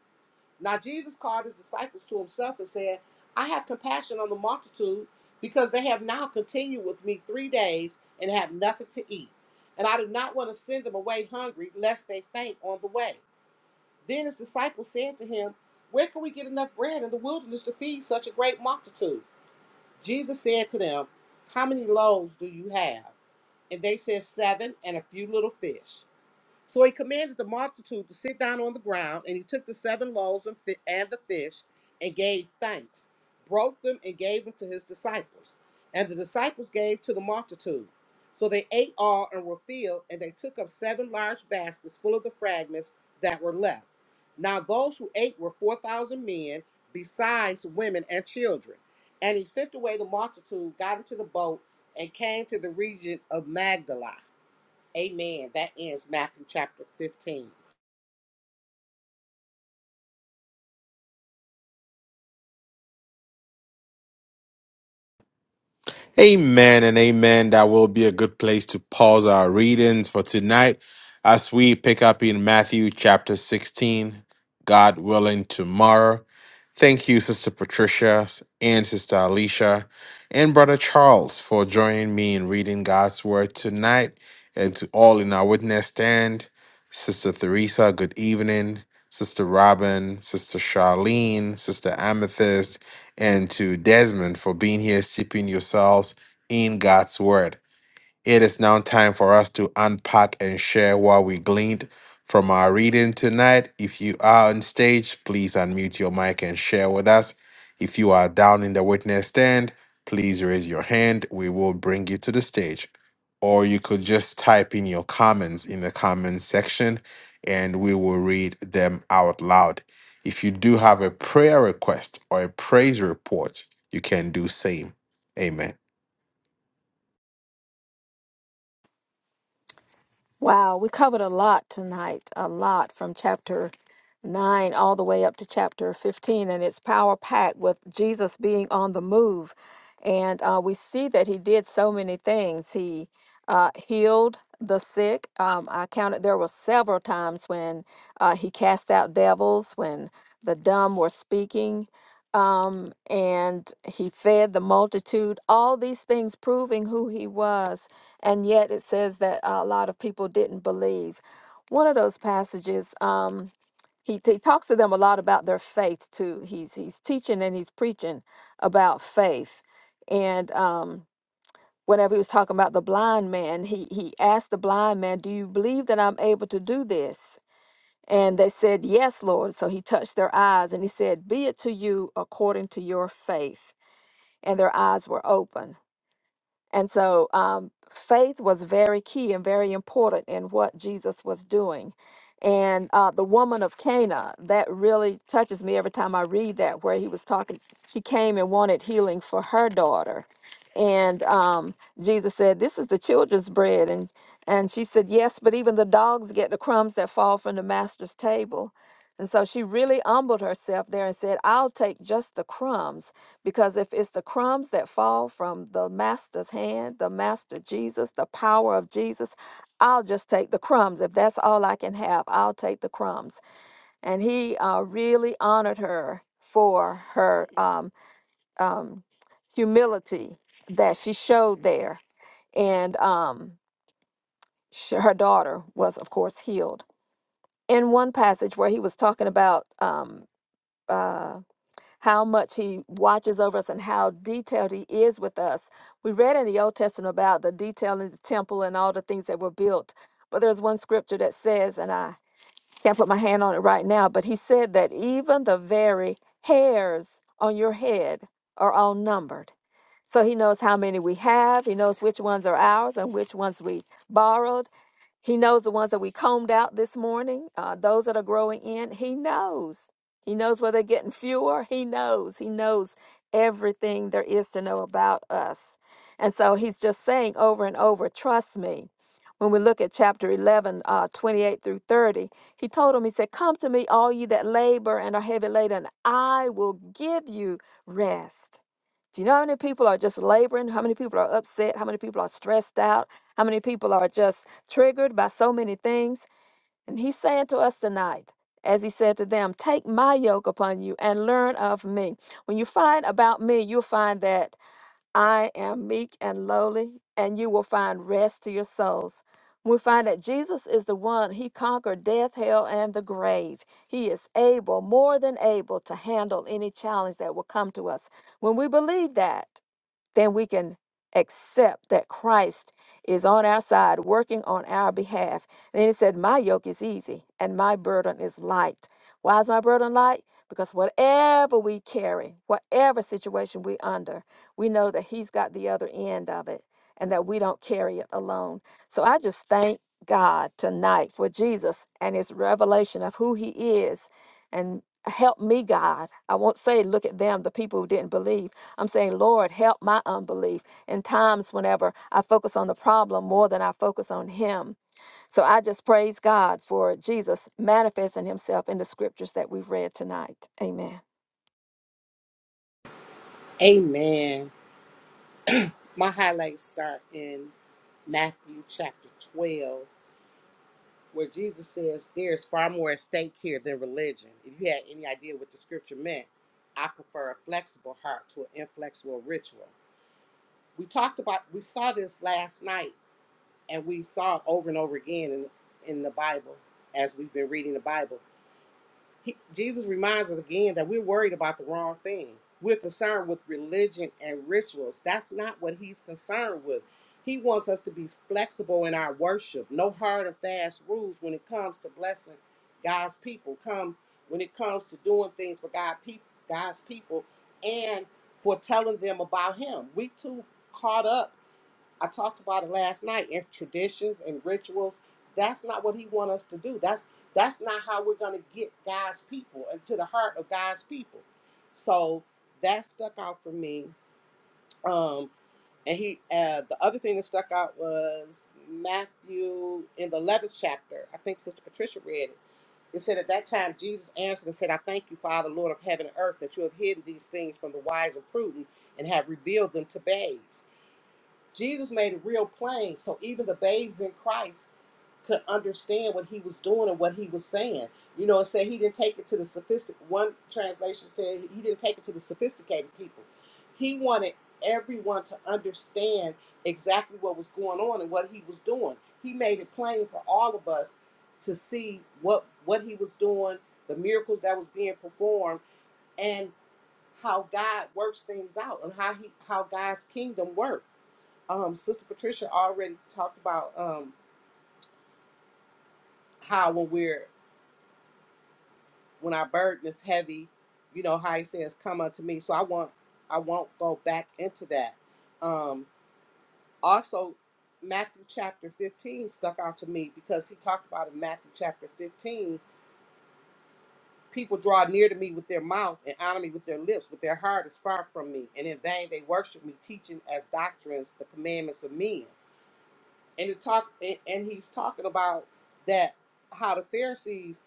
[SPEAKER 3] Now Jesus called his disciples to himself and said, I have compassion on the multitude because they have now continued with me three days and have nothing to eat. And I do not want to send them away hungry, lest they faint on the way. Then his disciples said to him, Where can we get enough bread in the wilderness to feed such a great multitude? Jesus said to them, How many loaves do you have? And they said, Seven and a few little fish. So he commanded the multitude to sit down on the ground, and he took the seven loaves and, fi- and the fish, and gave thanks, broke them, and gave them to his disciples. And the disciples gave to the multitude. So they ate all and were filled, and they took up seven large baskets full of the fragments that were left. Now those who ate were 4,000 men, besides women and children. And he sent away the multitude, got into the boat, and came to the region of Magdala. Amen. That ends Matthew chapter 15.
[SPEAKER 1] Amen and amen. That will be a good place to pause our readings for tonight as we pick up in Matthew chapter 16, God willing, tomorrow. Thank you, Sister Patricia and Sister Alicia and Brother Charles for joining me in reading God's Word tonight. And to all in our witness stand, Sister Theresa, good evening. Sister Robin, Sister Charlene, Sister Amethyst, and to Desmond for being here, sipping yourselves in God's word. It is now time for us to unpack and share what we gleaned from our reading tonight. If you are on stage, please unmute your mic and share with us. If you are down in the witness stand, please raise your hand. We will bring you to the stage. Or you could just type in your comments in the comments section and we will read them out loud. If you do have a prayer request or a praise report, you can do same. Amen.
[SPEAKER 2] Wow, we covered a lot tonight, a lot from chapter 9 all the way up to chapter 15, and it's power packed with Jesus being on the move. And uh, we see that he did so many things. He uh, healed the sick. Um, I counted there were several times when uh, he cast out devils, when the dumb were speaking, um, and he fed the multitude. All these things proving who he was and yet it says that a lot of people didn't believe. One of those passages, um, he, he talks to them a lot about their faith too. He's he's teaching and he's preaching about faith. And um, whenever he was talking about the blind man, he he asked the blind man, "Do you believe that I'm able to do this?" And they said, "Yes, Lord." So he touched their eyes and he said, "Be it to you according to your faith." And their eyes were open. And so um, faith was very key and very important in what Jesus was doing. And uh, the woman of Cana, that really touches me every time I read that, where he was talking, she came and wanted healing for her daughter. And um, Jesus said, This is the children's bread. And, and she said, Yes, but even the dogs get the crumbs that fall from the master's table. And so she really humbled herself there and said, I'll take just the crumbs because if it's the crumbs that fall from the master's hand, the master Jesus, the power of Jesus, I'll just take the crumbs. If that's all I can have, I'll take the crumbs. And he uh, really honored her for her um, um, humility that she showed there. And um, sh- her daughter was, of course, healed. In one passage where he was talking about um, uh, how much he watches over us and how detailed he is with us. We read in the Old Testament about the detail in the temple and all the things that were built. But there's one scripture that says, and I can't put my hand on it right now, but he said that even the very hairs on your head are all numbered. So he knows how many we have, he knows which ones are ours and which ones we borrowed he knows the ones that we combed out this morning, uh, those that are growing in. He knows. He knows where they're getting fewer. He knows. He knows everything there is to know about us. And so he's just saying over and over, trust me. When we look at chapter 11, uh, 28 through 30, he told them, he said, Come to me, all you that labor and are heavy laden, and I will give you rest. Do you know how many people are just laboring? How many people are upset? How many people are stressed out? How many people are just triggered by so many things? And he's saying to us tonight, as he said to them, Take my yoke upon you and learn of me. When you find about me, you'll find that I am meek and lowly, and you will find rest to your souls. We find that Jesus is the one, he conquered death, hell, and the grave. He is able, more than able, to handle any challenge that will come to us. When we believe that, then we can accept that Christ is on our side, working on our behalf. And then he said, My yoke is easy and my burden is light. Why is my burden light? Because whatever we carry, whatever situation we under, we know that he's got the other end of it and that we don't carry it alone. So I just thank God tonight for Jesus and his revelation of who he is and help me, God. I won't say look at them, the people who didn't believe I'm saying, Lord, help my unbelief. In times whenever I focus on the problem more than I focus on Him. So I just praise God for Jesus manifesting Himself in the scriptures that we've read tonight. Amen.
[SPEAKER 3] Amen. My highlights start in Matthew chapter 12, where Jesus says, There's far more at stake here than religion. If you had any idea what the scripture meant, I prefer a flexible heart to an inflexible ritual. We talked about, we saw this last night, and we saw it over and over again in, in the Bible as we've been reading the Bible. He, Jesus reminds us again that we're worried about the wrong thing. We're concerned with religion and rituals. That's not what he's concerned with. He wants us to be flexible in our worship. No hard and fast rules when it comes to blessing God's people. Come when it comes to doing things for God people, God's people and for telling them about him. We too caught up I talked about it last night in traditions and rituals. That's not what he wants us to do. That's that's not how we're gonna get God's people and to the heart of God's people. So that stuck out for me. Um, and he uh, the other thing that stuck out was Matthew in the eleventh chapter. I think Sister Patricia read it. It said at that time Jesus answered and said, "I thank you, Father, Lord of heaven and earth, that you have hidden these things from the wise and prudent and have revealed them to babes." Jesus made it real plain so even the babes in Christ could understand what he was doing and what he was saying. You know, it said he didn't take it to the sophisticated, one translation said he didn't take it to the sophisticated people. He wanted everyone to understand exactly what was going on and what he was doing. He made it plain for all of us to see what what he was doing, the miracles that was being performed, and how God works things out and how he how God's kingdom works um sister patricia already talked about um how when we're when our burden is heavy you know how he says come unto me so i want i won't go back into that um also matthew chapter 15 stuck out to me because he talked about in matthew chapter 15 people draw near to me with their mouth and honor me with their lips but their heart is far from me and in vain they worship me teaching as doctrines the commandments of men and it talk and and he's talking about that how the pharisees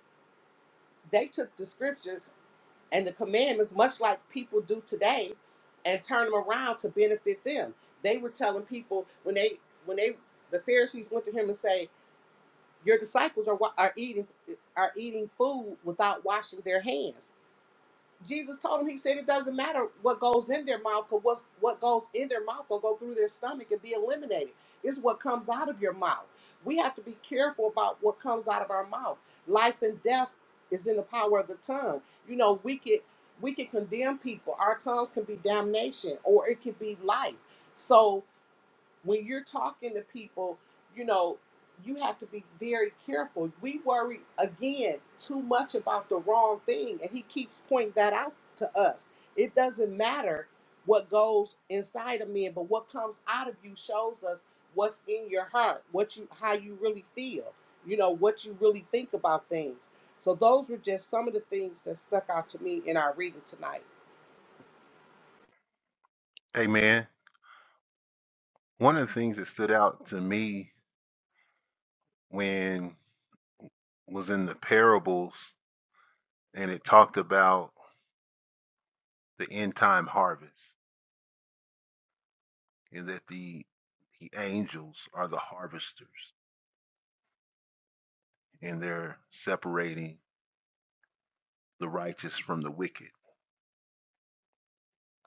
[SPEAKER 3] they took the scriptures and the commandments, much like people do today, and turned them around to benefit them. They were telling people when they when they the Pharisees went to him and say, "Your disciples are wa- are eating are eating food without washing their hands." Jesus told him, he said, it doesn't matter what goes in their mouth, because what, what goes in their mouth will go through their stomach and be eliminated. It's what comes out of your mouth. We have to be careful about what comes out of our mouth. Life and death is in the power of the tongue. You know, we could we could condemn people. Our tongues can be damnation or it could be life. So when you're talking to people, you know, you have to be very careful. We worry again too much about the wrong thing, and he keeps pointing that out to us. It doesn't matter what goes inside of men, but what comes out of you shows us what's in your heart, what you how you really feel, you know, what you really think about things. So those were just some of the things that stuck out to me in our reading tonight.
[SPEAKER 4] Hey man, one of the things that stood out to me when was in the parables and it talked about the end time harvest and that the the angels are the harvesters and they're separating the righteous from the wicked.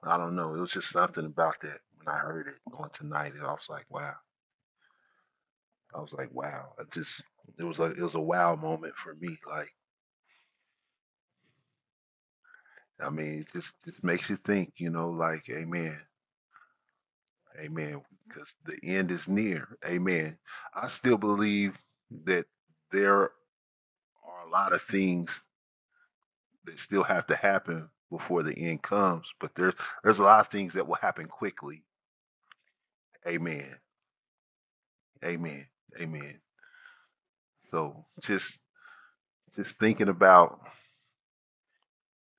[SPEAKER 4] I don't know. It was just something about that when I heard it on tonight and I was like, wow. I was like, wow. I just it was like it was a wow moment for me. Like I mean, it just it makes you think, you know, like, amen. Amen. Because the end is near. Amen. I still believe that there are a lot of things that still have to happen before the end comes, but there's there's a lot of things that will happen quickly. Amen. Amen. Amen. So just just thinking about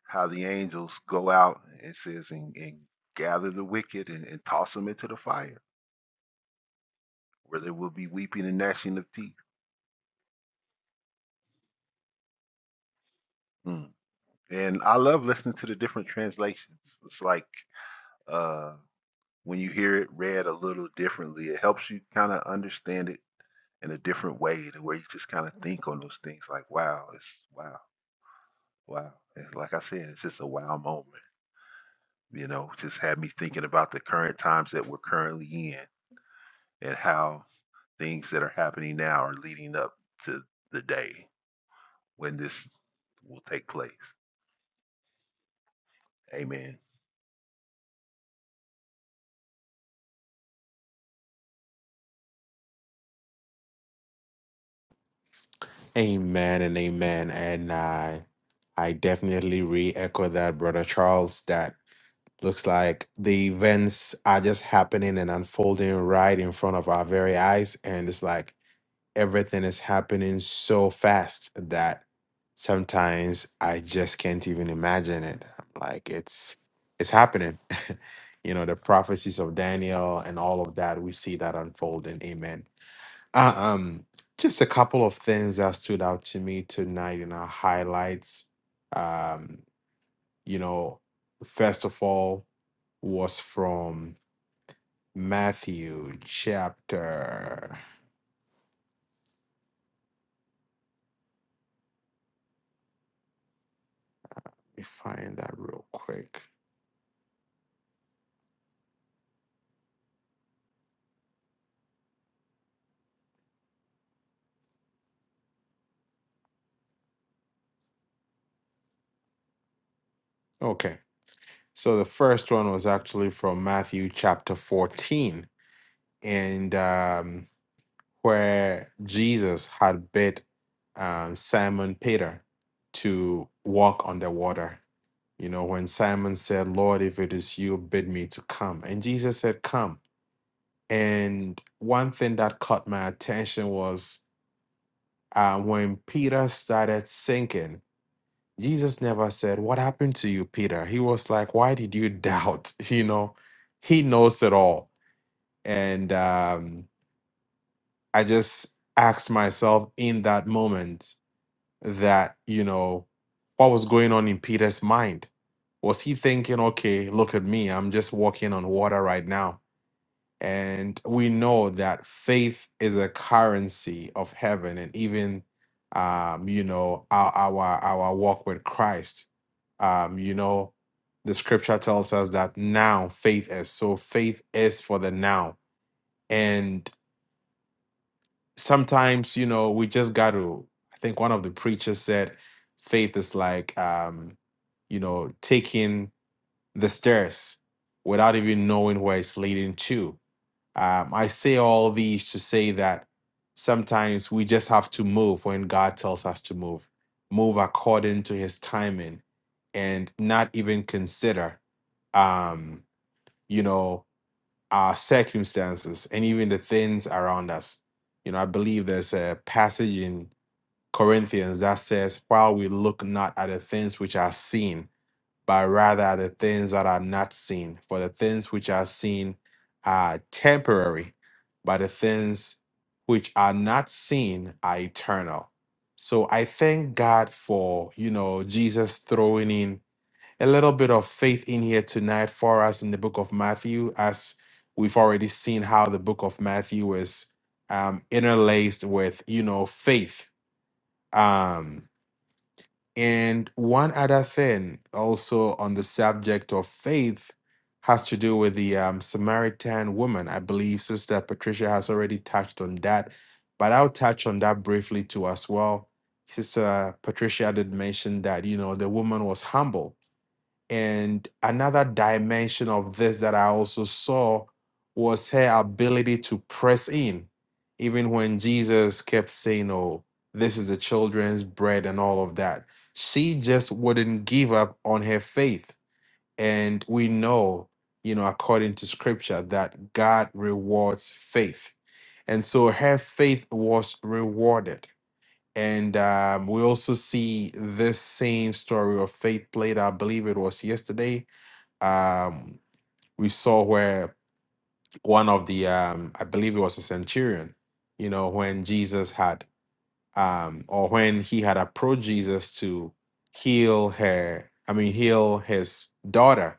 [SPEAKER 4] how the angels go out and says and, and gather the wicked and, and toss them into the fire where there will be weeping and gnashing of teeth. Mm. And I love listening to the different translations. It's like uh, when you hear it read a little differently, it helps you kind of understand it in a different way, to where you just kind of think on those things like, wow, it's wow, wow. And like I said, it's just a wow moment. You know, just had me thinking about the current times that we're currently in and how things that are happening now are leading up to the day when this will take place. Amen.
[SPEAKER 1] Amen and amen. And I I definitely re-echo that, Brother Charles, that looks like the events are just happening and unfolding right in front of our very eyes. And it's like everything is happening so fast that sometimes I just can't even imagine it. Like it's it's happening. you know, the prophecies of Daniel and all of that, we see that unfolding. Amen. Uh, um, just a couple of things that stood out to me tonight in our highlights. Um, you know, first of all, was from Matthew chapter. Let me find that real quick. Okay. So the first one was actually from Matthew chapter 14, and um, where Jesus had bid uh, Simon Peter to walk on the water You know, when Simon said, Lord, if it is you, bid me to come. And Jesus said, Come. And one thing that caught my attention was uh, when Peter started sinking, Jesus never said, What happened to you, Peter? He was like, Why did you doubt? You know, he knows it all. And um, I just asked myself in that moment, that you know what was going on in Peter's mind. Was he thinking, okay, look at me, I'm just walking on water right now? And we know that faith is a currency of heaven, and even um, you know our our our walk with Christ. Um, you know, the Scripture tells us that now faith is so. Faith is for the now, and sometimes you know we just got to i think one of the preachers said faith is like um you know taking the stairs without even knowing where it's leading to um, i say all these to say that sometimes we just have to move when god tells us to move move according to his timing and not even consider um you know our circumstances and even the things around us. You know, I believe there's a passage in Corinthians that says, While we look not at the things which are seen, but rather at the things that are not seen. For the things which are seen are temporary, but the things which are not seen are eternal. So I thank God for, you know, Jesus throwing in a little bit of faith in here tonight for us in the book of Matthew, as we've already seen how the book of Matthew is um, interlaced with, you know, faith. Um, and one other thing also on the subject of faith has to do with the um, Samaritan woman. I believe Sister Patricia has already touched on that, but I'll touch on that briefly too as well. Sister Patricia did mention that, you know, the woman was humble and another dimension of this that I also saw was her ability to press in, even when Jesus kept saying, Oh, this is the children's bread and all of that. She just wouldn't give up on her faith. And we know, you know, according to scripture, that God rewards faith. And so her faith was rewarded. And um, we also see this same story of faith played, I believe it was yesterday, um, we saw where one of the um, I believe it was a centurion, you know, when Jesus had um, or when he had approached Jesus to heal her, I mean, heal his daughter,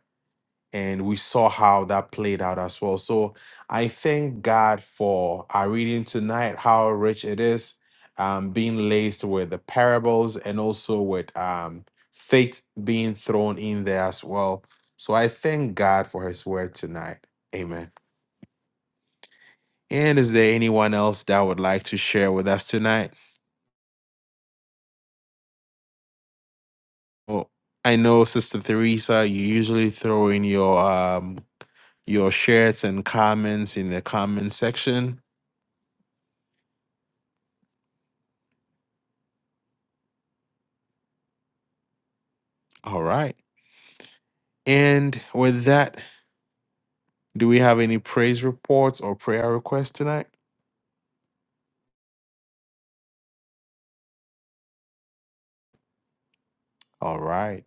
[SPEAKER 1] and we saw how that played out as well. So I thank God for our reading tonight, how rich it is, um, being laced with the parables and also with um, faith being thrown in there as well. So I thank God for His word tonight. Amen. And is there anyone else that would like to share with us tonight? Well, I know Sister Theresa, you usually throw in your um, your shares and comments in the comment section. All right. And with that, do we have any praise reports or prayer requests tonight? All right.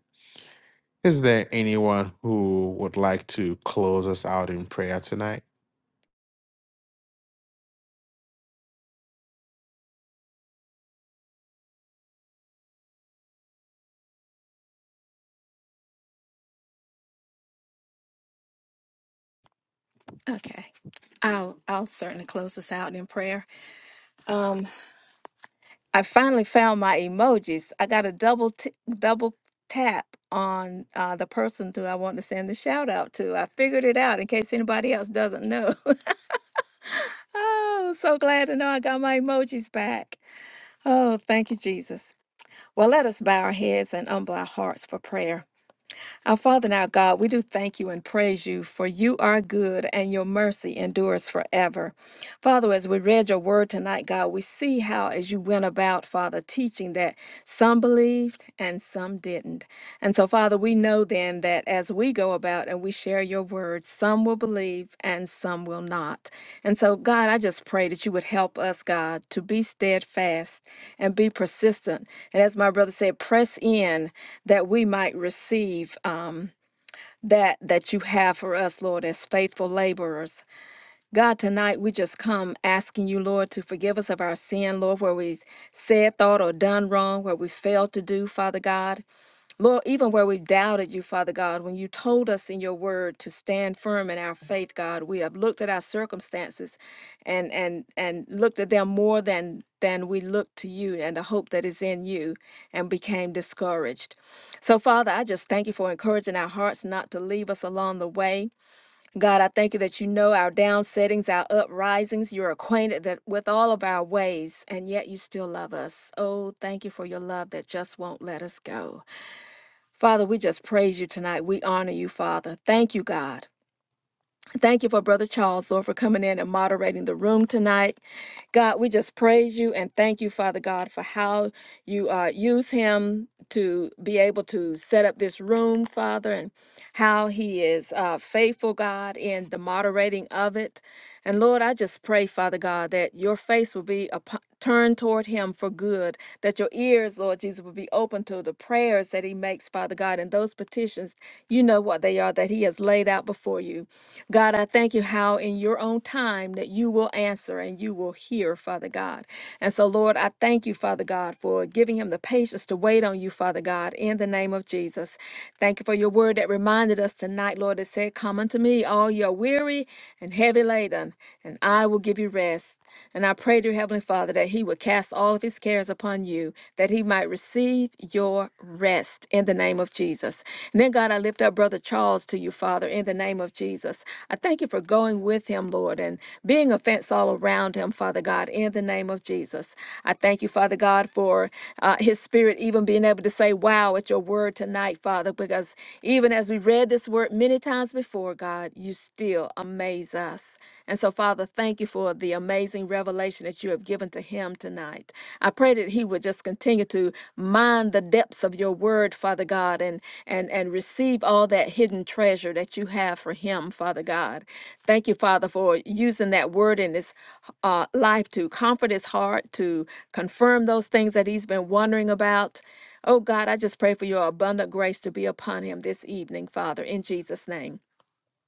[SPEAKER 1] Is there anyone who would like to close us out in prayer tonight?
[SPEAKER 2] Okay. I'll I'll certainly close this out in prayer. Um I finally found my emojis. I got a double t- double tap on uh, the person who I want to send the shout out to. I figured it out in case anybody else doesn't know. oh, so glad to know I got my emojis back. Oh, thank you, Jesus. Well, let us bow our heads and humble our hearts for prayer. Our Father and our God, we do thank you and praise you, for you are good and your mercy endures forever. Father, as we read your word tonight, God, we see how, as you went about, Father, teaching that some believed and some didn't. And so, Father, we know then that as we go about and we share your word, some will believe and some will not. And so, God, I just pray that you would help us, God, to be steadfast and be persistent. And as my brother said, press in that we might receive. Um, that that you have for us lord as faithful laborers God, tonight we just come asking you, Lord, to forgive us of our sin, Lord, where we said, thought, or done wrong, where we failed to do, Father God. Lord, even where we doubted you, Father God, when you told us in your word to stand firm in our faith, God, we have looked at our circumstances and and and looked at them more than than we looked to you and the hope that is in you and became discouraged. So, Father, I just thank you for encouraging our hearts not to leave us along the way. God, I thank you that you know our down settings, our uprisings. You're acquainted that with all of our ways, and yet you still love us. Oh, thank you for your love that just won't let us go. Father, we just praise you tonight. We honor you, Father. Thank you, God. Thank you for Brother Charles, Lord, for coming in and moderating the room tonight. God, we just praise you and thank you, Father God, for how you uh, use him to be able to set up this room, Father, and how he is uh, faithful, God, in the moderating of it. And Lord, I just pray, Father God, that your face will be upon, turned toward him for good, that your ears, Lord Jesus, will be open to the prayers that he makes, Father God, and those petitions, you know what they are, that he has laid out before you. God, I thank you how in your own time that you will answer and you will hear, Father God. And so, Lord, I thank you, Father God, for giving him the patience to wait on you, Father God, in the name of Jesus. Thank you for your word that reminded us tonight, Lord, that said, Come unto me, all you are weary and heavy laden, and I will give you rest. And I pray, dear Heavenly Father, that He would cast all of His cares upon you, that He might receive your rest in the name of Jesus. And then, God, I lift up Brother Charles to you, Father, in the name of Jesus. I thank you for going with him, Lord, and being a fence all around him, Father God, in the name of Jesus. I thank you, Father God, for uh, His Spirit even being able to say, Wow, at your word tonight, Father, because even as we read this word many times before, God, you still amaze us us. And so, Father, thank you for the amazing revelation that you have given to him tonight. I pray that he would just continue to mine the depths of your word, Father God, and and and receive all that hidden treasure that you have for him, Father God. Thank you, Father, for using that word in his uh, life to comfort his heart, to confirm those things that he's been wondering about. Oh God, I just pray for your abundant grace to be upon him this evening, Father, in Jesus' name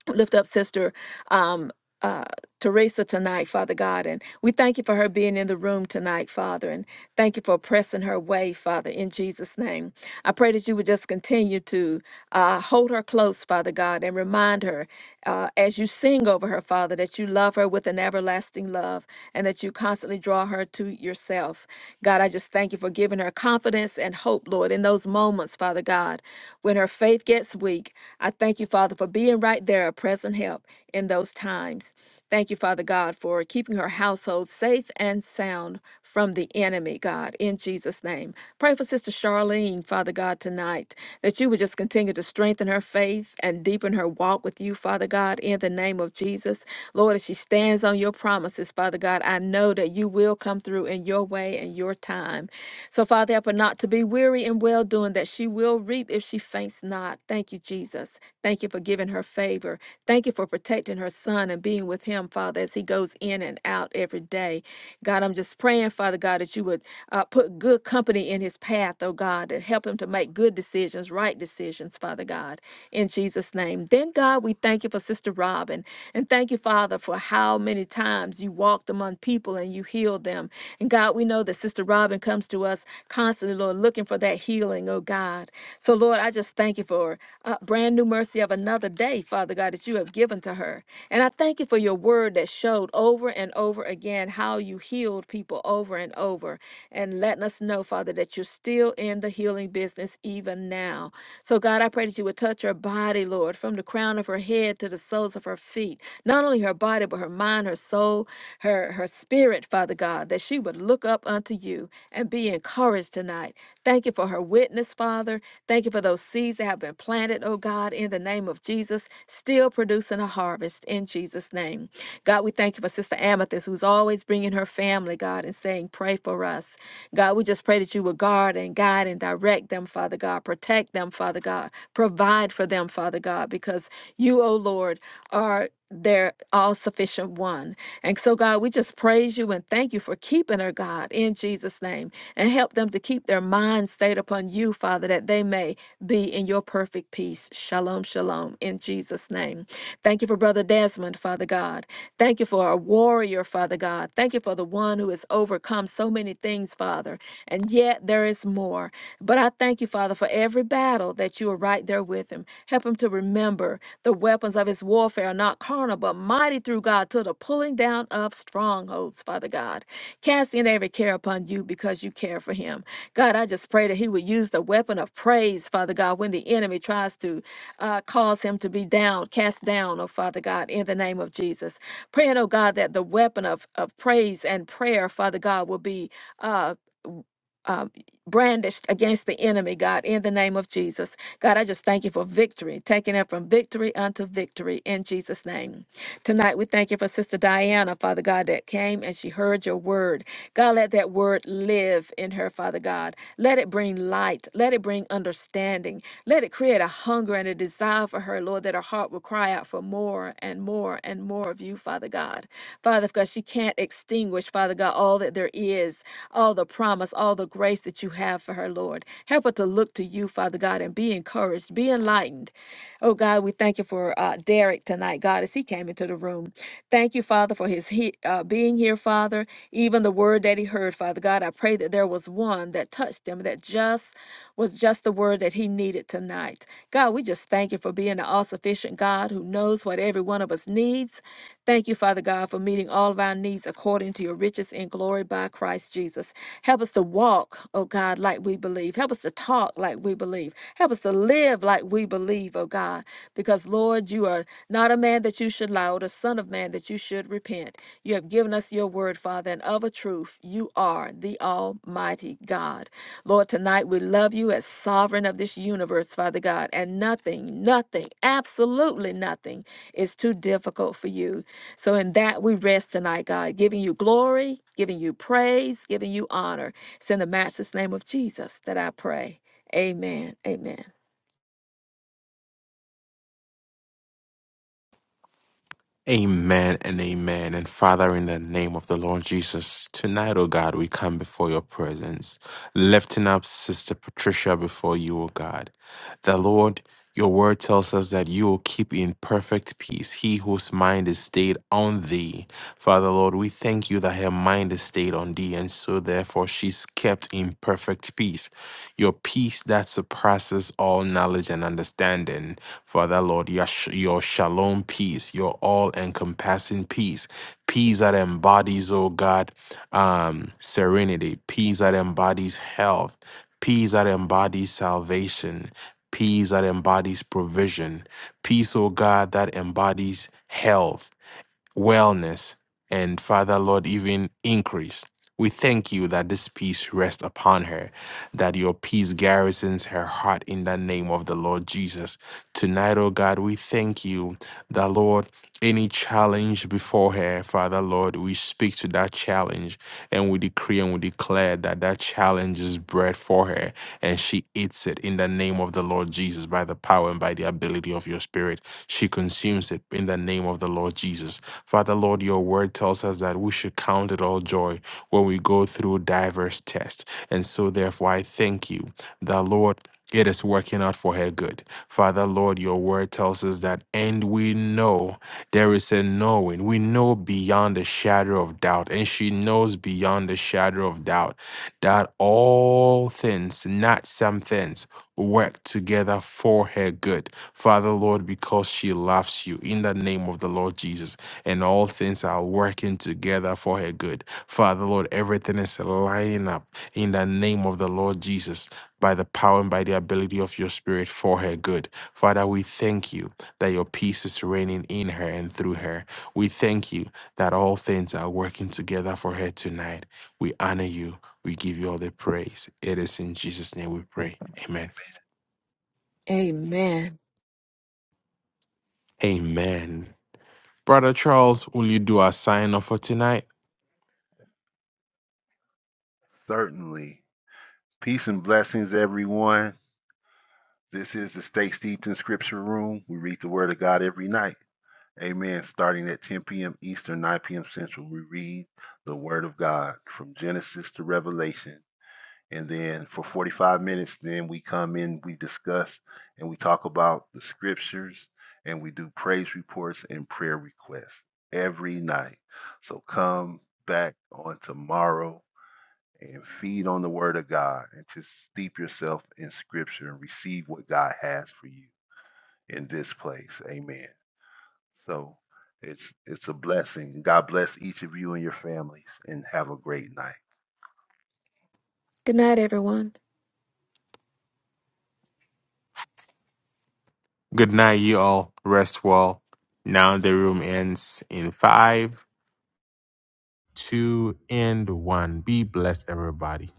[SPEAKER 2] lift up sister um, uh, Teresa tonight, Father God. And we thank you for her being in the room tonight, Father. And thank you for pressing her way, Father, in Jesus' name. I pray that you would just continue to uh, hold her close, Father God, and remind her uh, as you sing over her, Father, that you love her with an everlasting love and that you constantly draw her to yourself. God, I just thank you for giving her confidence and hope, Lord, in those moments, Father God, when her faith gets weak. I thank you, Father, for being right there, a present help in those times. Thank you, Father God, for keeping her household safe and sound from the enemy, God, in Jesus' name. Pray for Sister Charlene, Father God, tonight, that you would just continue to strengthen her faith and deepen her walk with you, Father God, in the name of Jesus. Lord, as she stands on your promises, Father God, I know that you will come through in your way and your time. So, Father, help her not to be weary in well doing, that she will reap if she faints not. Thank you, Jesus. Thank you for giving her faith favor. Thank you for protecting her son and being with him, Father, as he goes in and out every day. God, I'm just praying, Father God, that you would uh, put good company in his path, oh God, and help him to make good decisions, right decisions, Father God, in Jesus' name. Then, God, we thank you for Sister Robin. And thank you, Father, for how many times you walked among people and you healed them. And God, we know that Sister Robin comes to us constantly, Lord, looking for that healing, oh God. So, Lord, I just thank you for uh, brand new mercy courtesy of another day, Father God, that you have given to her. And I thank you for your word that showed over and over again how you healed people over and over and letting us know, Father, that you're still in the healing business even now. So, God, I pray that you would touch her body, Lord, from the crown of her head to the soles of her feet. Not only her body, but her mind, her soul, her, her spirit, Father God, that she would look up unto you and be encouraged tonight. Thank you for her witness, Father. Thank you for those seeds that have been planted planted, oh God, in the name of Jesus, still producing a harvest in Jesus' name. God, we thank you for Sister Amethyst, who's always bringing her family, God, and saying, Pray for us. God, we just pray that you would guard and guide and direct them, Father God. Protect them, Father God. Provide for them, Father God, because you, oh Lord, are their all sufficient one. And so, God, we just praise you and thank you for keeping her, God, in Jesus' name. And help them to keep their mind stayed upon you, Father, that they may be in your perfect peace. Shalom, shalom, in Jesus' name. Thank you for Brother Desmond, Father God. Thank you for a warrior, Father God. Thank you for the one who has overcome so many things, Father. And yet there is more. But I thank you, Father, for every battle that you are right there with him. Help him to remember the weapons of his warfare are not carnal, but mighty through God to the pulling down of strongholds, Father God. Casting every care upon you because you care for him. God, I just pray that he would use the weapon of praise, Father God, when the enemy tries to uh, cause him to be down, cast down, oh Father God, in the name of Jesus. Praying, oh God, that the weapon of, of praise and prayer, Father God, will be. Uh, um, brandished against the enemy, God, in the name of Jesus. God, I just thank you for victory, taking it from victory unto victory in Jesus' name. Tonight, we thank you for Sister Diana, Father God, that came and she heard your word. God, let that word live in her, Father God. Let it bring light. Let it bring understanding. Let it create a hunger and a desire for her, Lord, that her heart will cry out for more and more and more of you, Father God. Father God, she can't extinguish, Father God, all that there is, all the promise, all the grace that you have for her, Lord. Help her to look to you, Father God, and be encouraged, be enlightened. Oh God, we thank you for uh, about Derek tonight, God, as he came into the room. Thank you, Father, for his he, uh, being here, Father. Even the word that he heard, Father God, I pray that there was one that touched him that just was just the word that he needed tonight. God, we just thank you for being an all sufficient God who knows what every one of us needs. Thank you, Father God, for meeting all of our needs according to your riches in glory by Christ Jesus. Help us to walk, oh God, like we believe. Help us to talk like we believe. Help us to live like we believe, oh God, because Lord, you are not a man that you should lie, or the Son of Man that you should repent. You have given us your word, Father, and of a truth, you are the Almighty God. Lord, tonight we love you as sovereign of this universe, Father God, and nothing, nothing, absolutely nothing is too difficult for you. So in that we rest tonight, God, giving you glory, giving you praise, giving you honor. It's in the matchless name of Jesus that I pray. Amen. Amen.
[SPEAKER 1] Amen and amen. And Father, in the name of the Lord Jesus, tonight, O God, we come before your presence, lifting up Sister Patricia before you, O God. The Lord, your word tells us that you will keep in perfect peace he whose mind is stayed on thee. Father, Lord, we thank you that her mind is stayed on thee, and so therefore she's kept in perfect peace. Your peace that surpasses all knowledge and understanding. Father Lord, your, sh- your shalom peace, your all encompassing peace, peace that embodies, oh God, um, serenity, peace that embodies health, peace that embodies salvation, peace that embodies provision, peace, oh God, that embodies health wellness, and Father, Lord, even increase. We thank you that this peace rests upon her, that your peace garrisons her heart in the name of the Lord Jesus. Tonight, oh God, we thank you that, Lord, any challenge before her, Father, Lord, we speak to that challenge and we decree and we declare that that challenge is bread for her and she eats it in the name of the Lord Jesus by the power and by the ability of your spirit. She consumes it in the name of the Lord Jesus. Father, Lord, your word tells us that we should count it all joy when we go through diverse tests. And so, therefore, I thank you that, Lord, it is working out for her good. Father, Lord, your word tells us that, and we know there is a knowing. We know beyond the shadow of doubt, and she knows beyond the shadow of doubt that all things, not some things, work together for her good. Father, Lord, because she loves you in the name of the Lord Jesus and all things are working together for her good. Father, Lord, everything is lining up in the name of the Lord Jesus by the power and by the ability of your spirit for her good. Father, we thank you that your peace is reigning in her and through her. We thank you that all things are working together for her tonight. We honor you. We give you all the praise. It is in Jesus' name we pray. Amen.
[SPEAKER 2] Amen.
[SPEAKER 1] Amen. Brother Charles, will you do our sign off for tonight?
[SPEAKER 4] Certainly. Peace and blessings, everyone. This is the Stay Steeped in Scripture Room. We read the Word of God every night. Amen. Starting at 10 p.m. Eastern, 9 p.m. Central, we read the Word of God from Genesis to Revelation. And then for 45 minutes, then we come in, we discuss, and we talk about the Scriptures, and we do praise reports and prayer requests every night. So come back on tomorrow and feed on the Word of God and just steep yourself in Scripture and receive what God has for you in this place. Amen. So it's it's a blessing. God bless each of you and your families and have a great night.
[SPEAKER 2] Good night, everyone
[SPEAKER 1] Good night, you all. Rest well. Now the room ends in five, two, and one. Be blessed, everybody.